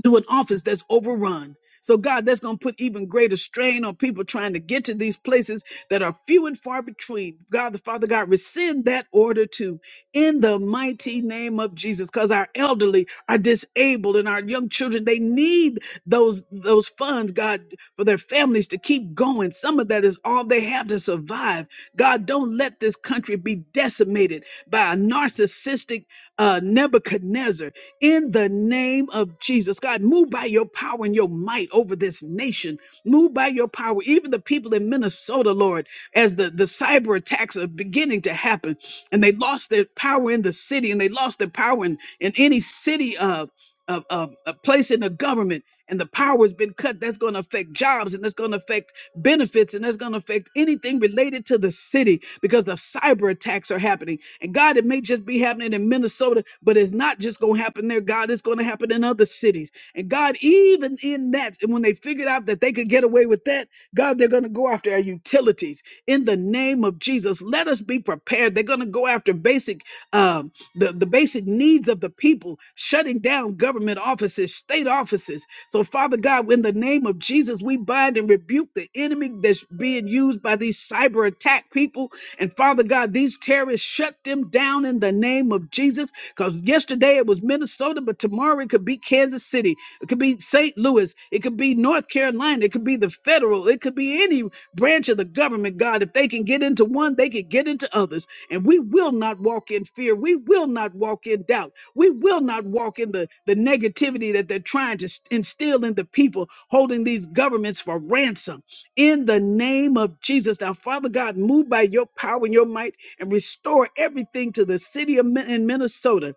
to an office that's overrun. So, God, that's going to put even greater strain on people trying to get to these places that are few and far between. God, the Father, God, rescind that order too in the mighty name of Jesus because our elderly are disabled and our young children, they need those, those funds, God, for their families to keep going. Some of that is all they have to survive. God, don't let this country be decimated by a narcissistic uh, Nebuchadnezzar in the name of Jesus. God, move by your power and your might over this nation. Move by your power, even the people in Minnesota, Lord, as the, the cyber attacks are beginning to happen and they lost their power in the city and they lost their power in, in any city of, of, of a place in the government. And the power has been cut. That's going to affect jobs and that's going to affect benefits, and that's going to affect anything related to the city because the cyber attacks are happening. And God, it may just be happening in Minnesota, but it's not just going to happen there. God, it's going to happen in other cities. And God, even in that, and when they figured out that they could get away with that, God, they're going to go after our utilities in the name of Jesus. Let us be prepared. They're going to go after basic. um the, the basic needs of the people, shutting down government offices, state offices. So, Father God, in the name of Jesus, we bind and rebuke the enemy that's being used by these cyber attack people. And Father God, these terrorists shut them down in the name of Jesus. Because yesterday it was Minnesota, but tomorrow it could be Kansas City, it could be St. Louis, it could be North Carolina, it could be the federal, it could be any branch of the government, God. If they can get into one, they can get into others. And we will not walk in fear. We will not walk in doubt. We will not walk in the, the negativity that they're trying to instill in the people, holding these governments for ransom. In the name of Jesus, now, Father God, move by your power and your might and restore everything to the city of Min- in Minnesota,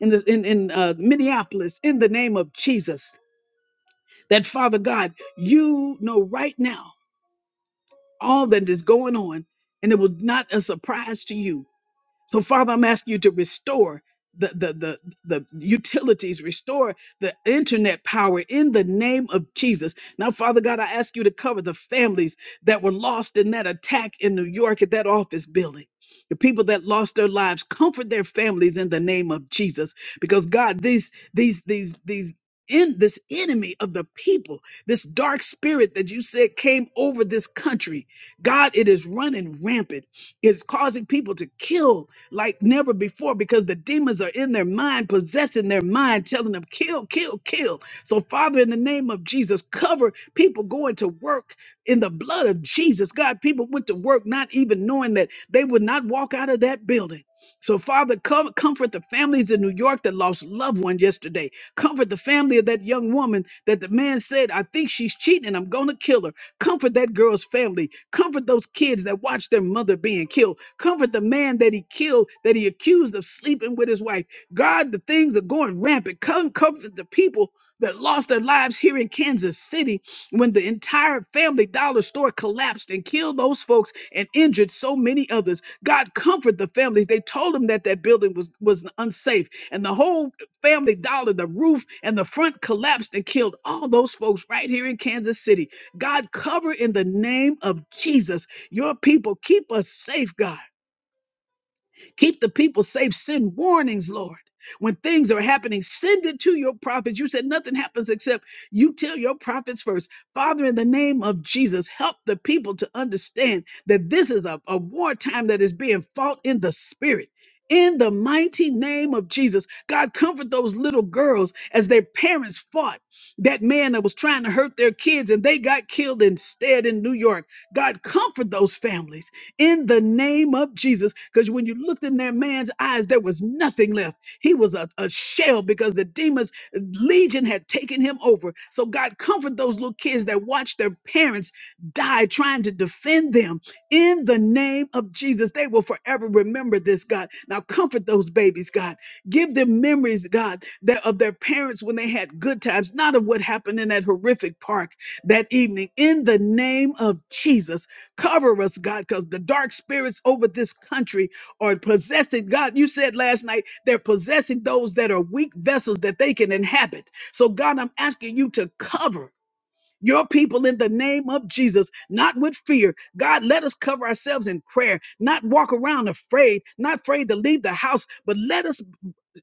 in, this, in, in uh, Minneapolis, in the name of Jesus. That, Father God, you know right now all that is going on, and it will not a surprise to you so, Father, I'm asking you to restore the, the, the, the utilities, restore the internet power in the name of Jesus. Now, Father God, I ask you to cover the families that were lost in that attack in New York at that office building. The people that lost their lives, comfort their families in the name of Jesus. Because God, these, these, these, these, in this enemy of the people, this dark spirit that you said came over this country, God, it is running rampant. It's causing people to kill like never before because the demons are in their mind, possessing their mind, telling them, kill, kill, kill. So, Father, in the name of Jesus, cover people going to work in the blood of Jesus. God, people went to work not even knowing that they would not walk out of that building. So, Father, com- comfort the families in New York that lost loved one yesterday. Comfort the family of that young woman that the man said, I think she's cheating. and I'm going to kill her. Comfort that girl's family. Comfort those kids that watched their mother being killed. Comfort the man that he killed, that he accused of sleeping with his wife. God, the things are going rampant. Come comfort the people that lost their lives here in Kansas City when the entire family dollar store collapsed and killed those folks and injured so many others. God comfort the families. They told them that that building was was unsafe and the whole family dollar, the roof and the front collapsed and killed all those folks right here in Kansas City. God, cover in the name of Jesus your people. Keep us safe, God. Keep the people safe. Send warnings, Lord. When things are happening, send it to your prophets. You said nothing happens except you tell your prophets first. Father, in the name of Jesus, help the people to understand that this is a, a wartime that is being fought in the spirit. In the mighty name of Jesus, God, comfort those little girls as their parents fought that man that was trying to hurt their kids and they got killed instead in New York. God, comfort those families in the name of Jesus. Because when you looked in that man's eyes, there was nothing left. He was a, a shell because the demons legion had taken him over. So God comfort those little kids that watched their parents die trying to defend them in the name of Jesus. They will forever remember this, God. Now comfort those babies, God. Give them memories, God, that of their parents when they had good times, not of what happened in that horrific park that evening. In the name of Jesus. Cover us, God, because the dark spirits over this country are possessing. God, you said last night they're possessing those that are weak vessels that they can inhabit. So, God, I'm asking you to cover your people in the name of Jesus, not with fear. God, let us cover ourselves in prayer, not walk around afraid, not afraid to leave the house, but let us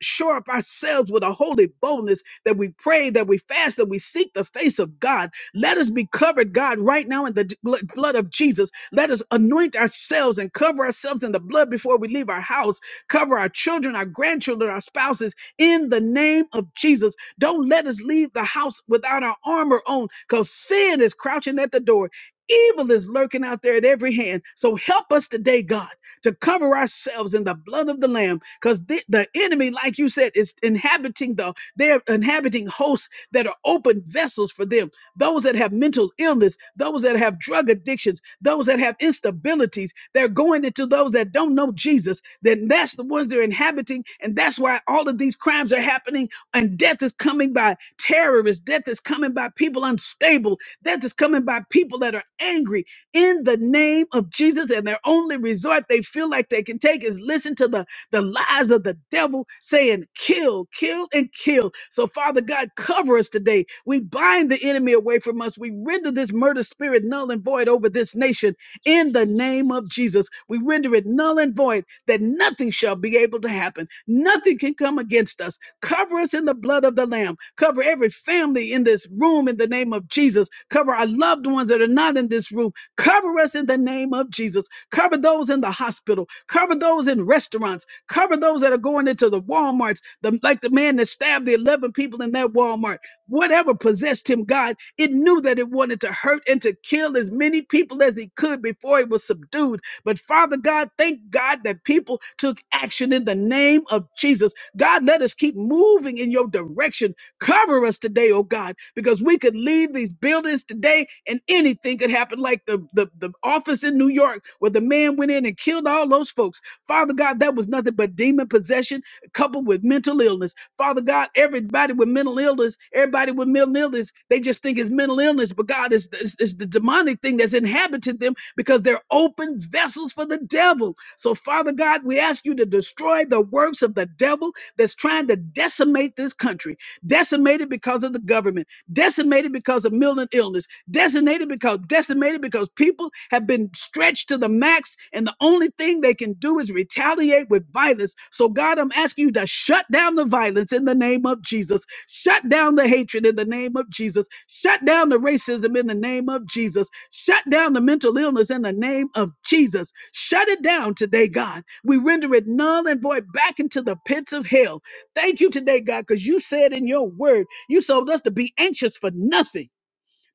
shore up ourselves with a holy boldness that we pray, that we fast, that we seek the face of God. Let us be covered, God, right now in the d- gl- blood of Jesus. Let us anoint ourselves and cover ourselves in the blood before we leave our house. Cover our children, our grandchildren, our spouses in the name of Jesus. Don't let us leave the house without our armor on because sin is crouching at the door. Evil is lurking out there at every hand. So help us today, God to cover ourselves in the blood of the Lamb, because the, the enemy, like you said, is inhabiting the they're inhabiting hosts that are open vessels for them. Those that have mental illness, those that have drug addictions, those that have instabilities, they're going into those that don't know Jesus. Then that's the ones they're inhabiting, and that's why all of these crimes are happening. And death is coming by terrorists. Death is coming by people unstable. Death is coming by people that are angry in the name of Jesus. And their only resort they feel like they can take is listen to the, the lies of the devil saying, kill, kill, and kill. So, Father God, cover us today. We bind the enemy away from us. We render this murder spirit null and void over this nation in the name of Jesus. We render it null and void that nothing shall be able to happen. Nothing can come against us. Cover us in the blood of the Lamb. Cover every family in this room in the name of Jesus. Cover our loved ones that are not in this room. Cover us in the name of Jesus. Cover those in the hospital. Cover those in restaurants. Cover those that are going into the Walmarts, the, like the man that stabbed the 11 people in that Walmart. Whatever possessed him, God, it knew that it wanted to hurt and to kill as many people as it could before it was subdued. But Father God, thank God that people took action in the name of Jesus. God, let us keep moving in your direction Cover us today, oh God, because we could leave these buildings today and anything could happen, like the, the, the office in New York where the man went in and killed all those folks. Father God, that was nothing but demon possession coupled with mental illness. Father God, everybody with mental illness, everybody with mental illness, they just think it's mental illness, but God is is, is the demonic thing that's inhabited them because they're open vessels for the devil. So, Father God, we ask you to destroy the works of the devil that's trying to decimate this country decimated because of the government, decimated because of mental illness, decimated because decimated because people have been stretched to the max, and the only thing they can do is retaliate with violence. So God, I'm asking you to shut down the violence in the name of Jesus. Shut down the hatred in the name of Jesus. Shut down the racism in the name of Jesus. Shut down the mental illness in the name of Jesus. Shut it down today, God. We render it null and void back into the pits of hell Thank you today, God, because you said in your word, you told us to be anxious for nothing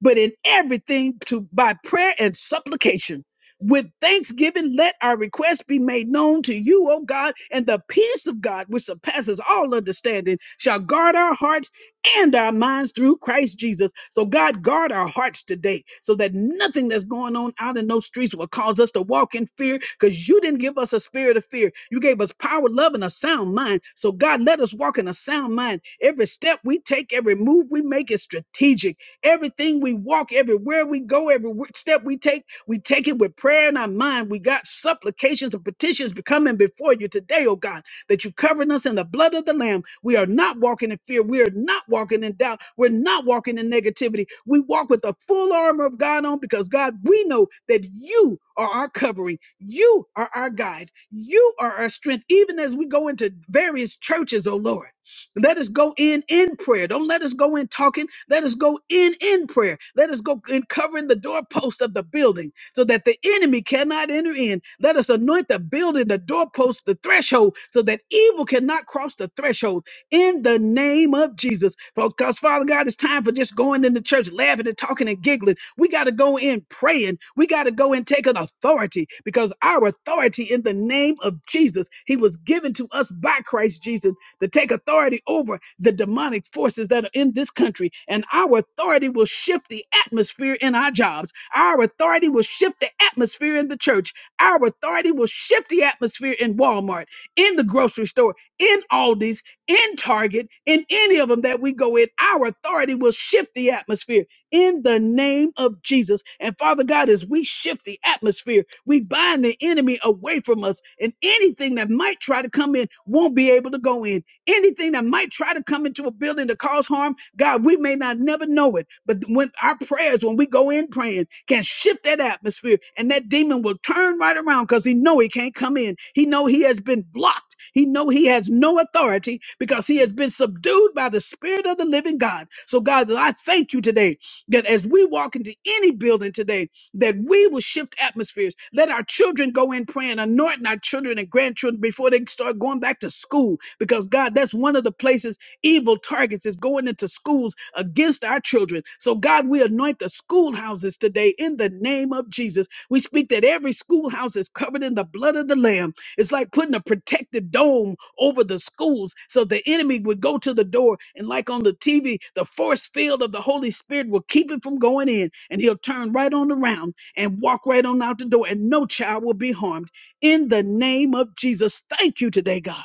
but in everything to by prayer and supplication. With thanksgiving, let our requests be made known to you, O God, and the peace of God, which surpasses all understanding, shall guard our hearts and our minds through Christ Jesus. So, God, guard our hearts today so that nothing that's going on out in those streets will cause us to walk in fear because you didn't give us a spirit of fear. You gave us power, love, and a sound mind. So, God, let us walk in a sound mind. Every step we take, every move we make is strategic Everything we walk, everywhere we go, every w- step we take, we take it with prayer in our mind. We got supplications and petitions coming before you today, oh God, that you covering us in the blood of the Lamb. We are not walking in fear. We are not walking in doubt. We're not walking in negativity. We walk with the full armor of God on because, God, we know that you are our covering. You are our guide. You are our strength, even as we go into various churches, oh Lord. Let us go in in prayer. Don't let us go in talking. Let us go in in prayer. Let us go in covering the doorpost of the building so that the enemy cannot enter in. Let us anoint the building, the doorpost, the threshold so that evil cannot cross the threshold in the name of Jesus. Because Father God, it's time for just going in the church, laughing and talking and giggling. We got to go in praying. We got to go and take an authority because our authority in the name of Jesus, he was given to us by Christ Jesus to take authority over the demonic forces that are in this country. And our authority will shift the atmosphere in our jobs. Our authority will shift the atmosphere in the church. Our authority will shift the atmosphere in Walmart, in the grocery store, in Aldi's, in Target, in any of them that we go in. Our authority will shift the atmosphere in the name of Jesus. And Father God, as we shift the atmosphere, we bind the enemy away from us, and anything that might try to come in won't be able to go in anything that might try to come into a building to cause harm, God, we may not never know it, but when our prayers, when we go in praying, can shift that atmosphere, and that demon will turn right around because he know he can't come in. He know he has been blocked. He know he has no authority because he has been subdued by the Spirit of the Living God. So, God, I thank you today that as we walk into any building today that we will shift atmospheres. Let our children go in praying, anointing our children and grandchildren before they start going back to school. Because God, that's one of the places evil targets is going into schools against our children. So God, we anoint the schoolhouses today in the name of Jesus. We speak that every schoolhouse is covered in the blood of the Lamb it's like putting a protective dome over the schools so the enemy would go to the door. And like on the TV, the force field of the Holy Spirit will keep it from going in. And he'll turn right on around and walk right on out the door, and no child will be harmed. In the name of Jesus, thank you today, God,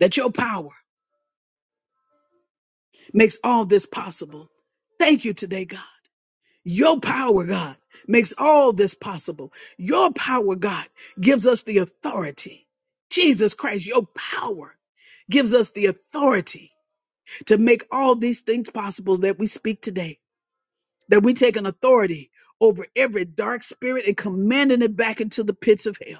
that your power makes all this possible. Thank you today, God. Your power, God, makes all this possible. Your power, God, gives us the authority. Jesus Christ, your power gives us the authority to make all these things possible that we speak today, that we take an authority over every dark spirit and commanding it back into the pits of hell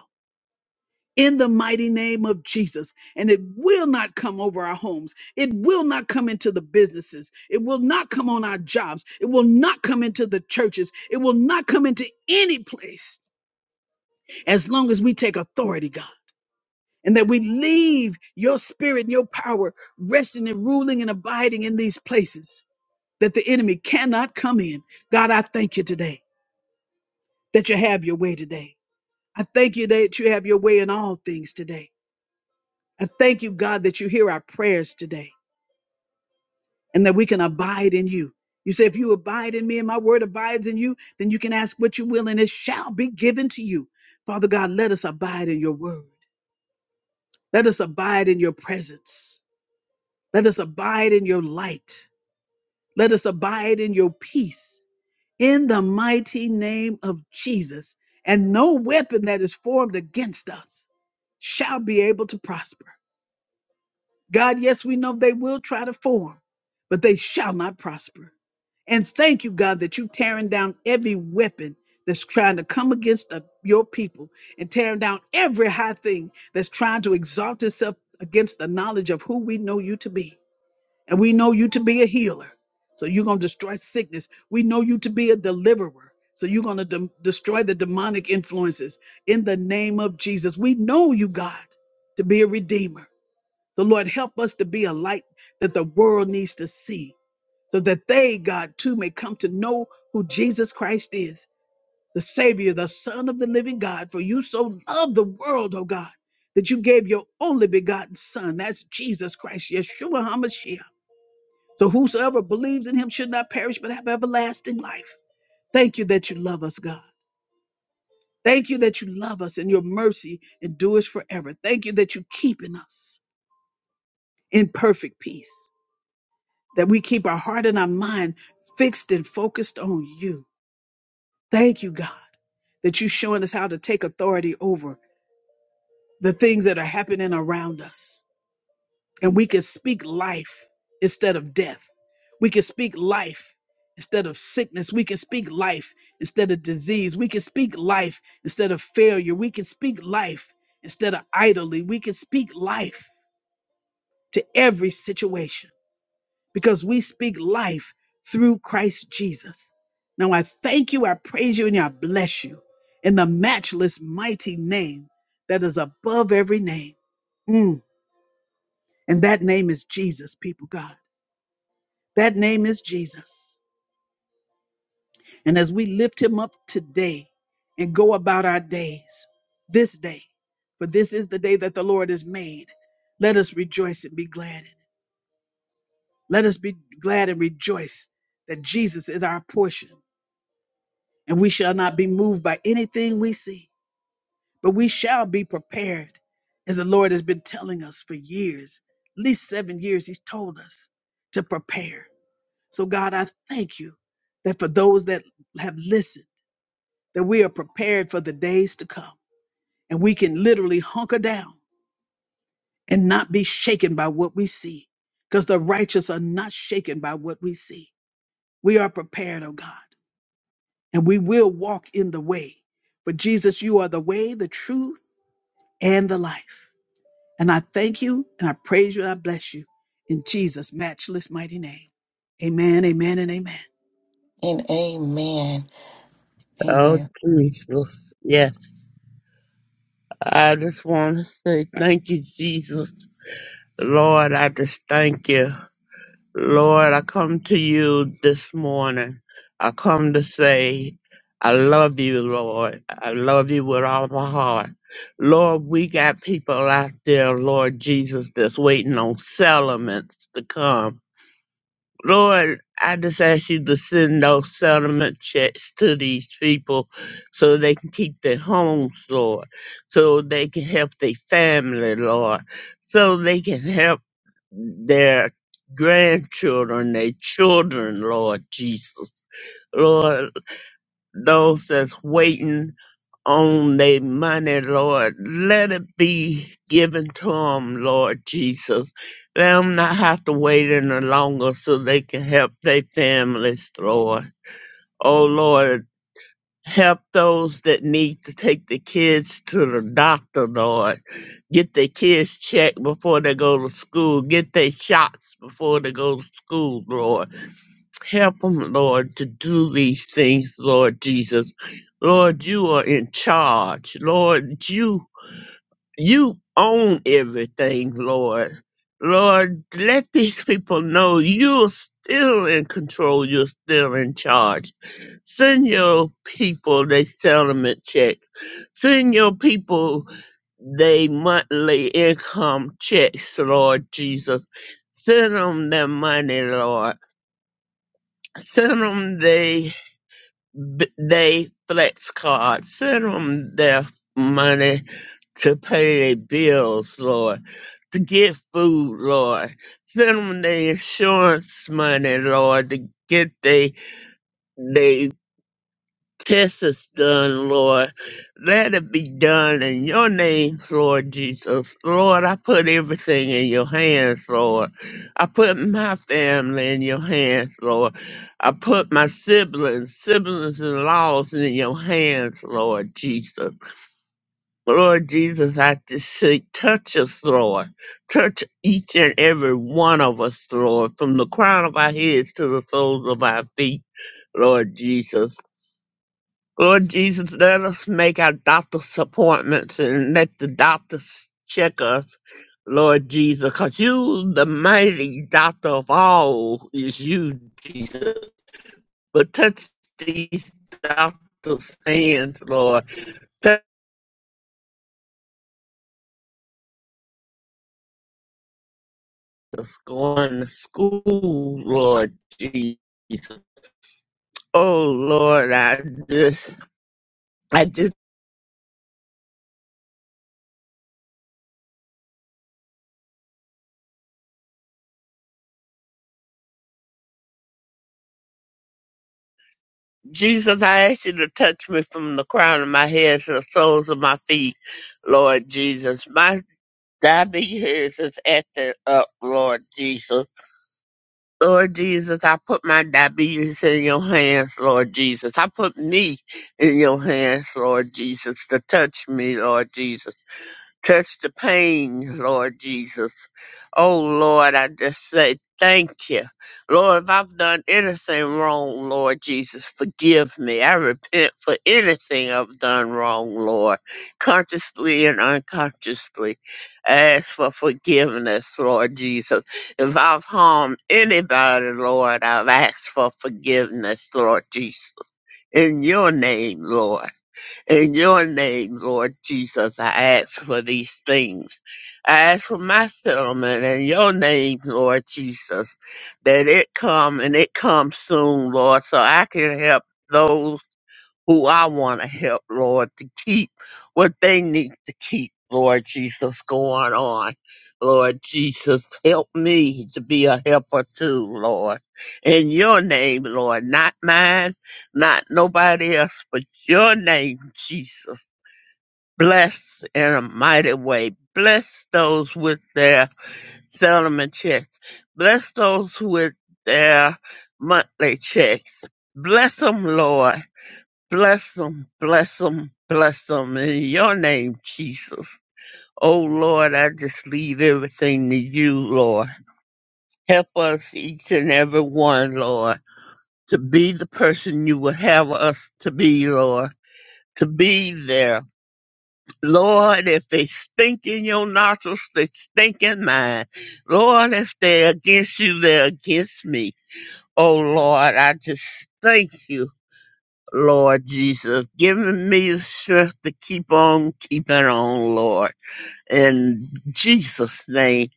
in the mighty name of Jesus. And it will not come over our homes. It will not come into the businesses. It will not come on our jobs. It will not come into the churches. It will not come into any place as long as we take authority, God. And that we leave your spirit and your power resting and ruling and abiding in these places that the enemy cannot come in. God, I thank you today that you have your way today. I thank you that you have your way in all things today. I thank you, God, that you hear our prayers today and that we can abide in you. You say, if you abide in me and my word abides in you, then you can ask what you will and it shall be given to you. Father God, let us abide in your word. Let us abide in your presence. Let us abide in your light. Let us abide in your peace in the mighty name of Jesus. And no weapon that is formed against us shall be able to prosper. God, yes, we know they will try to form, but they shall not prosper. And thank you, God, that you are tearing down every weapon that's trying to come against the- your people and tearing down every high thing that's trying to exalt itself against the knowledge of who we know you to be. And we know you to be a healer. So you're going to destroy sickness. We know you to be a deliverer. So you're going to de- destroy the demonic influences in the name of Jesus. We know you, God, to be a redeemer. So, Lord, help us to be a light that the world needs to see so that they, God, too may come to know who Jesus Christ is, the Savior, the Son of the living God. For you so loved the world, oh God, that you gave your only begotten Son. That's Jesus Christ, Yeshua HaMashiach. So, whosoever believes in him should not perish but have everlasting life. Thank you that you love us, God. Thank you that you love us and your mercy endures forever. Thank you that you keep in us in perfect peace. that we keep our heart and our mind fixed and focused on you. Thank you, God, that you're showing us how to take authority over the things that are happening around us. And we can speak life instead of death. We can speak life instead of sickness. We can speak life instead of disease. We can speak life instead of failure. We can speak life instead of idly. We can speak life to every situation. because we speak life through Christ Jesus. Now I thank you, I praise you, and I bless you in the matchless, mighty name that is above every name. Mm. And that name is Jesus, people, God. That name is Jesus. And as we lift him up today and go about our days, this day, for this is the day that the Lord has made, let us rejoice and be glad in it. Let us be glad and rejoice that Jesus is our portion and we shall not be moved by anything we see, but we shall be prepared, as the Lord has been telling us for years, at least seven years, He's told us to prepare. So, God, I thank you that for those that have listened, that we are prepared for the days to come, and we can literally hunker down and not be shaken by what we see, because the righteous are not shaken by what we see. We are prepared, oh God. and we will walk in the way. But Jesus, you are the way, the truth, and the life. And I thank you and I praise you and I bless you in Jesus' matchless mighty name. Amen, amen, and amen.
And amen.
Oh,
Amen.
Jesus. Yeah. I just want to say thank you, Jesus. Lord, I just thank you. Lord, I come to you this morning. I come to say, I love you, Lord. I love you with all my heart. Lord, we got people out there, Lord Jesus, that's waiting on settlements to come. Lord, I just ask you to send those settlement checks to these people so they can keep their homes, Lord, so they can help their family, Lord, so they can help their grandchildren, their children, Lord Jesus. Lord, those that's waiting on their money, Lord. Let it be given to them, Lord Jesus. Let them not have to wait any longer so they can help their families, Lord. Oh, Lord, help those that need to take the kids to the doctor, Lord. Get their kids checked before they go to school. Get their shots before they go to school, Lord. Help them, Lord, to do these things, Lord Jesus. Lord, you are in charge. Lord, you you own everything, Lord. Lord, let these people know you're still in control. You're still in charge. Send your people their settlement check. Send your people their monthly income checks, Lord Jesus. Send them their money, Lord. Send them their they flex card. Send them their money to pay their bills, Lord, to get food, Lord. Send them their insurance money, Lord, to get they they this is done, Lord. Let it be done in your name, Lord Jesus. Lord, I put everything in your hands, Lord. I put my family in your hands, Lord. I put my siblings, siblings and laws in your hands, Lord Jesus. Lord Jesus, I just say, touch us, Lord. Touch each and every one of us, Lord, from the crown of our heads to the soles of our feet. Lord Jesus. Lord Jesus, let us make our doctor's appointments and let the doctors check us, Lord Jesus, because you, the mighty doctor of all, is you, Jesus. But touch these doctors' hands, Lord. Touch us going to school, Lord Jesus. Oh, Lord, I just, I just, Jesus, I ask you to touch me from the crown of my head to the soles of my feet. Lord Jesus. my. Diabetes is acting up, Lord Jesus. Lord Jesus, I put my diabetes in your hands, Lord Jesus. I put me in your hands, Lord Jesus, to touch me, Lord Jesus. Touch the pain, Lord Jesus. Oh, Lord, I just say thank you. Lord, if I've done anything wrong, Lord Jesus, forgive me. I repent for anything I've done wrong, Lord, consciously and unconsciously. I ask for forgiveness, Lord Jesus. If I've harmed anybody, Lord, I've asked for forgiveness, Lord Jesus. In your name, Lord. In your name, Lord Jesus, I ask for these things. I ask for my settlement in your name, Lord Jesus, that it come and it comes soon, Lord, so I can help those who I want to help, Lord, to keep what they need to keep, Lord Jesus, going on. Lord Jesus, help me to be a helper too, Lord. In your name, Lord, not mine, not nobody else, but your name, Jesus. Bless in a mighty way. Bless those with their settlement checks. Bless those with their monthly checks. Bless them, Lord Bless them, bless them, bless them in your name, Jesus. Oh Lord, I just leave everything to you, Lord. Help us, each and every one, Lord, to be the person you would have us to be, Lord, to be there. Lord, if they stink in your nostrils, they stink in mine. Lord, if they're against you, they're against me. Oh Lord, I just thank you. Lord Jesus, giving me the strength to keep on keeping on, Lord. In Jesus' name.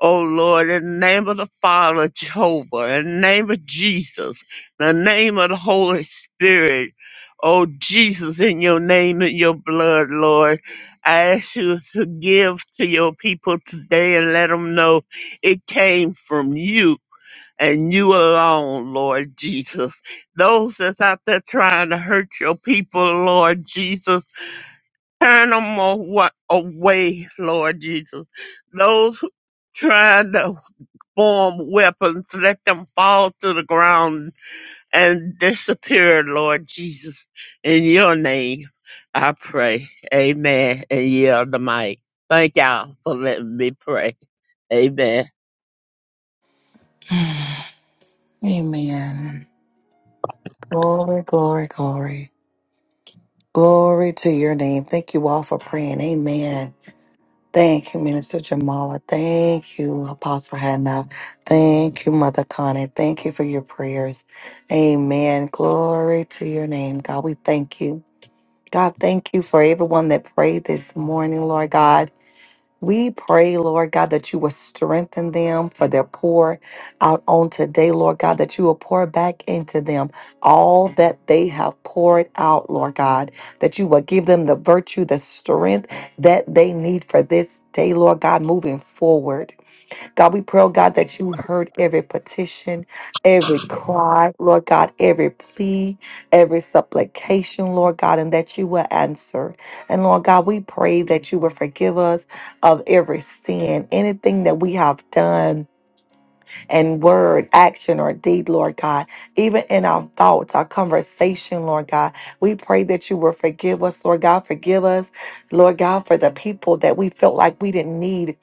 Oh Lord, in the name of the Father, Jehovah, in the name of Jesus, in the name of the Holy Spirit. Oh Jesus, in your name and your blood, Lord, I ask you to give to your people today and let them know it came from you and you alone, Lord Jesus. Those that's out there trying to hurt your people, Lord Jesus, turn them away, Lord Jesus. Those who trying to form weapons, let them fall to the ground and disappear, Lord Jesus. In your name, I pray. Amen. And yield the mic. Thank y'all for letting me pray. Amen.
Amen. Glory, glory, glory. Glory to your name. Thank you all for praying. Amen. Thank you, Minister Jamala. Thank you, Apostle Hannah. Thank you, Mother Connie. Thank you for your prayers. Amen. Glory to your name, God. We thank you. God, thank you for everyone that prayed this morning, Lord God. We pray, Lord God, that you will strengthen them for their pour out on today, Lord God, that you will pour back into them all that they have poured out, Lord God, that you will give them the virtue, the strength that they need for this day, Lord God, moving forward. God, we pray, oh God, that you heard every petition, every cry, Lord God, every plea, every supplication, Lord God, and that you will answer. And Lord God, we pray that you will forgive us of every sin, anything that we have done and word, action, or deed, Lord God, even in our thoughts, our conversation, Lord God. We pray that you will forgive us, Lord God. Forgive us, Lord God, for the people that we felt like we didn't need.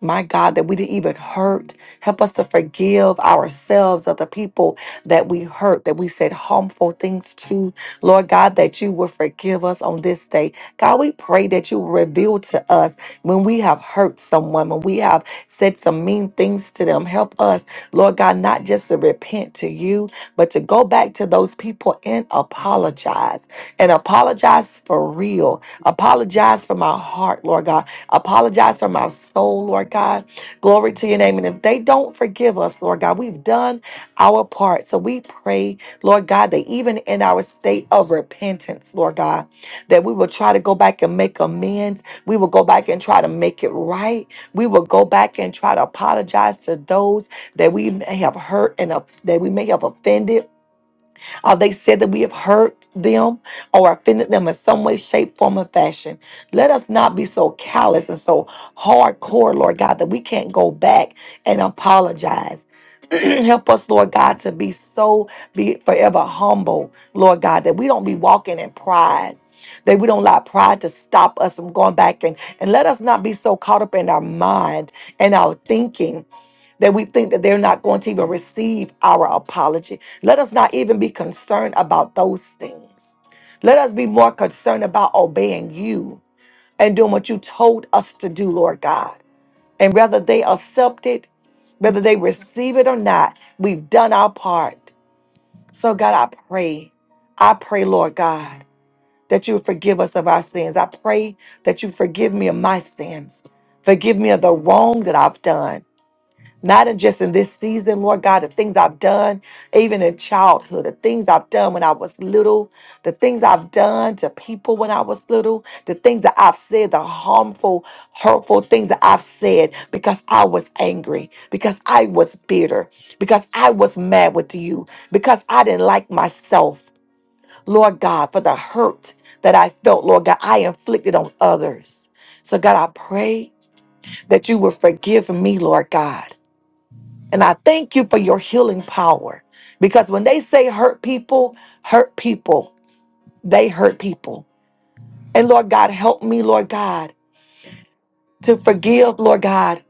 My God, that we didn't even hurt. Help us to forgive ourselves of the people that we hurt, that we said harmful things to. Lord God, that you will forgive us on this day. God, we pray that you will reveal to us when we have hurt someone, when we have said some mean things to them. Help us. Lord God, not just to repent to you, but to go back to those people and apologize and apologize for real. Apologize for my heart, Lord God. Apologize for my soul, Lord God. Glory to your name. And if they don't forgive us, Lord God, we've done our part. So we pray, Lord God, that even in our state of repentance, Lord God, that we will try to go back and make amends. We will go back and try to make it right. We will go back and try to apologize to those that we may have hurt and of- that we may have offended, or they said that we have hurt them or offended them in some way, shape, form, or fashion. Let us not be so callous and so hardcore, Lord God, that we can't go back and apologize. Help us, Lord God, to be so be forever humble, Lord God, that we don't be walking in pride. That we don't allow pride to stop us from going back and, and let us not be so caught up in our mind and our thinking that we think that they're not going to even receive our apology. Let us not even be concerned about those things. Let us be more concerned about obeying you and doing what you told us to do, Lord God. And whether they accept it, whether they receive it or not, we've done our part. So, God, I pray, I pray, Lord God, that you would forgive us of our sins. I pray that you forgive me of my sins. Forgive me of the wrong that I've done not in just in this season, Lord God, the things I've done, even in childhood, the things I've done when I was little, the things I've done to people when I was little, the things that I've said, the harmful, hurtful things that I've said because I was angry, because I was bitter, because I was mad with you, because I didn't like myself, Lord God, for the hurt that I felt, Lord God, I inflicted on others. So, God, I pray that you would forgive me, Lord God. And I thank you for your healing power. Because when they say hurt people, hurt people, they hurt people. And Lord God, help me, Lord God, to forgive, Lord God.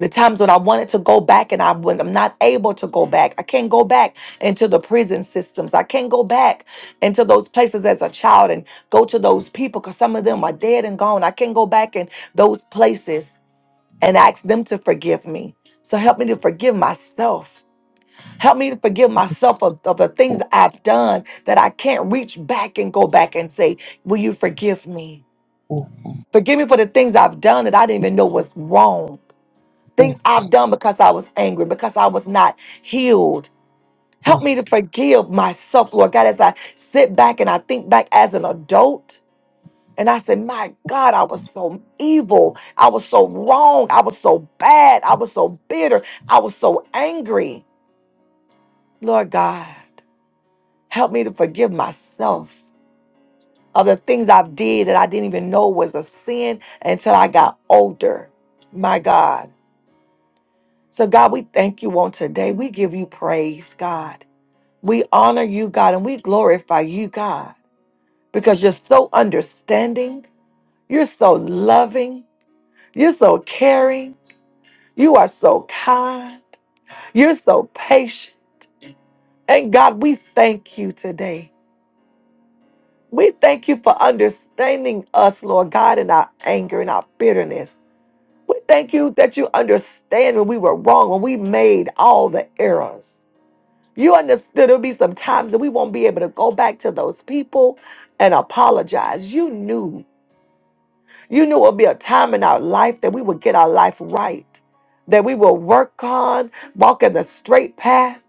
The times when I wanted to go back and I when I'm not able to go back. I can't go back into the prison systems. I can't go back into those places as a child and go to those people because some of them are dead and gone. I can't go back in those places and ask them to forgive me. So help me to forgive myself Help me to forgive myself of, of the things I've done that I can't reach back and go back and say, Will you forgive me? Forgive me for the things I've done that I didn't even know was wrong. Things I've done because I was angry, because I was not healed. Help me to forgive myself, Lord God, as I sit back and I think back as an adult. And I said, My God, I was so evil. I was so wrong. I was so bad. I was so bitter. I was so angry, Lord God. Help me to forgive myself of the things I've did that I didn't even know was a sin until I got older. My God. So God, we thank you on today. We give you praise, God. We honor you, God, and we glorify you, God, because you're so understanding, you're so loving, you're so caring, you are so kind, you're so patient. And God, we thank you today. We thank you for understanding us, Lord God, in our anger and our bitterness. We thank you that you understand when we were wrong, when we made all the errors. You understood there'll be some times that we won't be able to go back to those people and apologize. You knew. You knew it would be a time in our life that we would get our life right, that we will work on, walk in the straight path.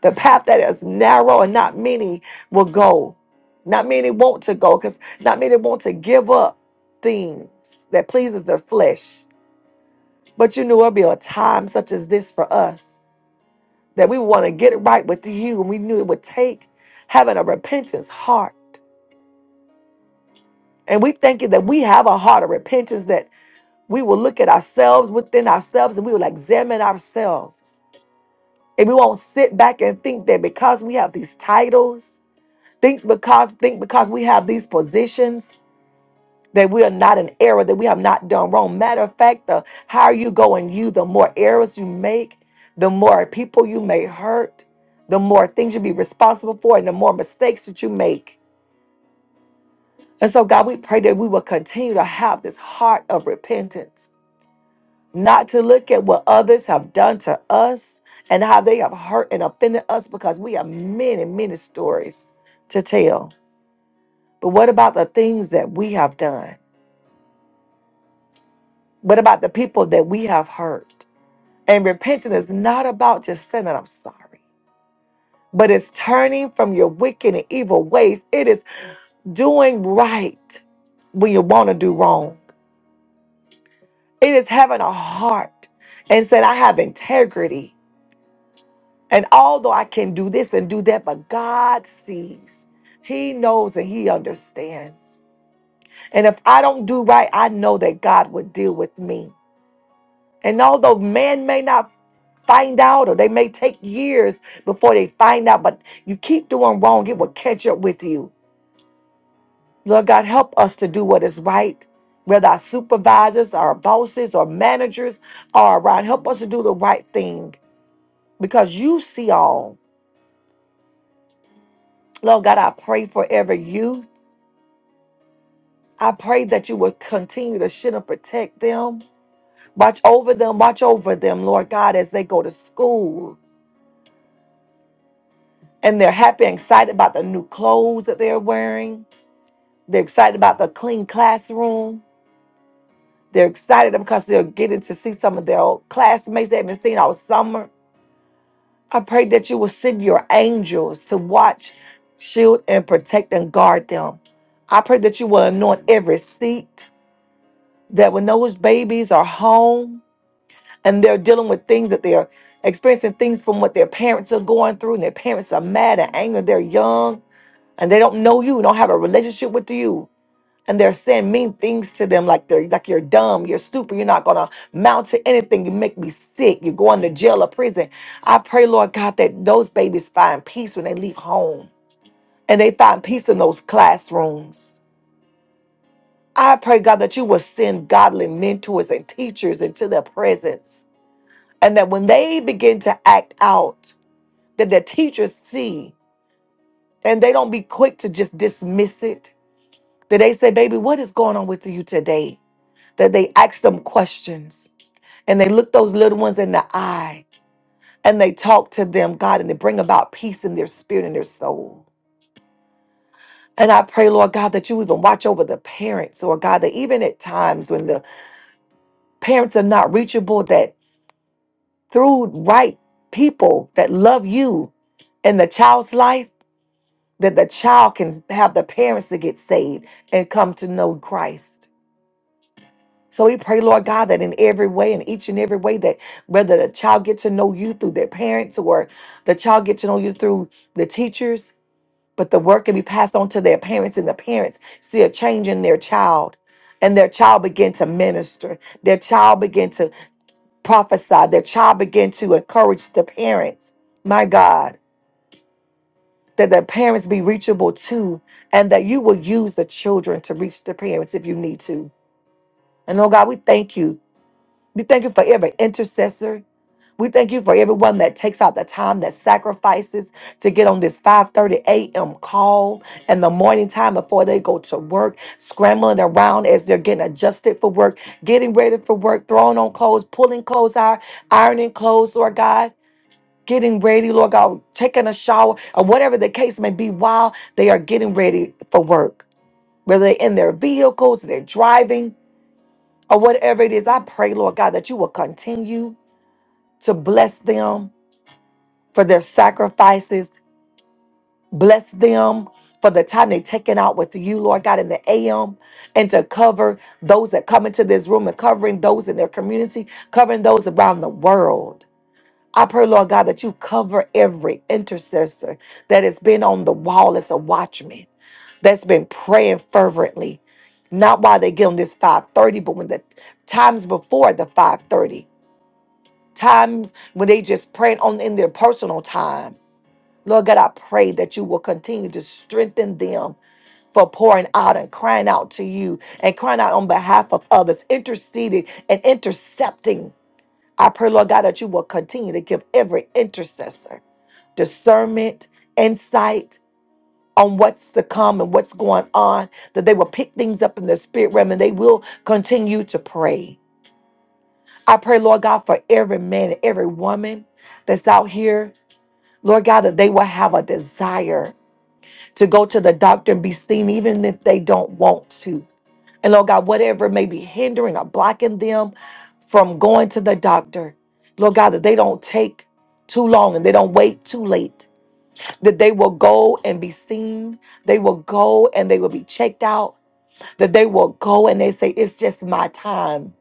The path that is narrow and not many will go. Not many want to go because not many want to give up things that pleases their flesh. But you knew it'll be a time such as this for us that we want to get it right with you. And we knew it would take having a repentance heart. And we thank you that we have a heart of repentance that we will look at ourselves within ourselves and we will examine ourselves. And we won't sit back and think that because we have these titles Think because think because we have these positions that we are not in error, that we have not done wrong. Matter of fact, the higher you go in you, the more errors you make, the more people you may hurt, the more things you be responsible for, and the more mistakes that you make. And so, God, we pray that we will continue to have this heart of repentance, not to look at what others have done to us and how they have hurt and offended us, because we have many, many stories to tell. But what about the things that we have done? What about the people that we have hurt? And repentance is not about just saying that I'm sorry, but it's turning from your wicked and evil ways. It is doing right when you want to do wrong. It is having a heart and saying, I have integrity. And although I can do this and do that, but God sees, He knows, and He understands. And if I don't do right, I know that God would deal with me. And although man may not find out, or they may take years before they find out, but you keep doing wrong, it will catch up with you. Lord God, help us to do what is right, whether our supervisors, our bosses, or managers are around. Help us to do the right thing because you see all. Lord God, I pray for every youth. I pray that you will continue to shield and protect them. Watch over them, watch over them, Lord God, as they go to school. and they're happy and excited about the new clothes that they're wearing. They're excited about the clean classroom. They're excited because they're getting to see some of their old classmates they haven't seen all summer. I pray that you will send your angels to watch, shield, and protect and guard them. I pray that you will anoint every seat that when those babies are home and they're dealing with things that they're experiencing things from what their parents are going through and their parents are mad and angry. They're young and they don't know you, don't have a relationship with you, and they're saying mean things to them like they're like you're dumb, you're stupid, you're not gonna mount to anything. You make me sick. You're going to jail or prison. I pray, Lord God, that those babies find peace when they leave home and they find peace in those classrooms. I pray, God, that you will send godly mentors and teachers into their presence. And that when they begin to act out, that their teachers see and they don't be quick to just dismiss it Did they say, baby, what is going on with you today? That they asked them questions and they looked those little ones in the eye and they talked to them, God, and they bring about peace in their spirit and their soul. And I pray, Lord God, that you even watch over the parents, or God, that even at times when the parents are not reachable, that through right people that love you in the child's life, that the child can have the parents to get saved and come to know Christ. So we pray, Lord God, that in every way, in each and every way, that whether the child get to know you through their parents or the child get to know you through the teachers, but the work can be passed on to their parents, and the parents see a change in their child, and their child begin to minister, their child begin to prophesy, their child begin to encourage the parents. My God, that the parents be reachable too, and that you will use the children to reach the parents if you need to. And oh God, we thank you We thank you for every intercessor. We thank you for everyone that takes out the time that sacrifices to get on this 5:30 a.m. call in the morning time before they go to work, scrambling around as they're getting adjusted for work, getting ready for work, throwing on clothes, pulling clothes out, ironing clothes, Lord God. Getting ready, Lord God, taking a shower or whatever the case may be while they are getting ready for work. Whether they're in their vehicles, they're driving, or whatever it is, I pray, Lord God, that you will continue to bless them for their sacrifices, bless them for the time they've taken out with you, Lord God, in the AM, and to cover those that come into this room and covering those in their community, covering those around the world. I pray, Lord God, that you cover every intercessor that has been on the wall as a watchman, that's been praying fervently, not while they get on this 530, but when the times before the 530, times when they just praying on in their personal time Lord God, I pray that you will continue to strengthen them for pouring out and crying out to you and crying out on behalf of others, interceding and intercepting. I pray, Lord God, that you will continue to give every intercessor discernment, insight on what's to come and what's going on, that they will pick things up in the spirit realm and they will continue to pray. I pray, Lord God, for every man and every woman that's out here, Lord God, that they will have a desire to go to the doctor and be seen, even if they don't want to. And Lord God, whatever may be hindering or blocking them from going to the doctor, Lord God, that they don't take too long and they don't wait too late, that they will go and be seen, they will go and they will be checked out, that they will go and they say, It's just my time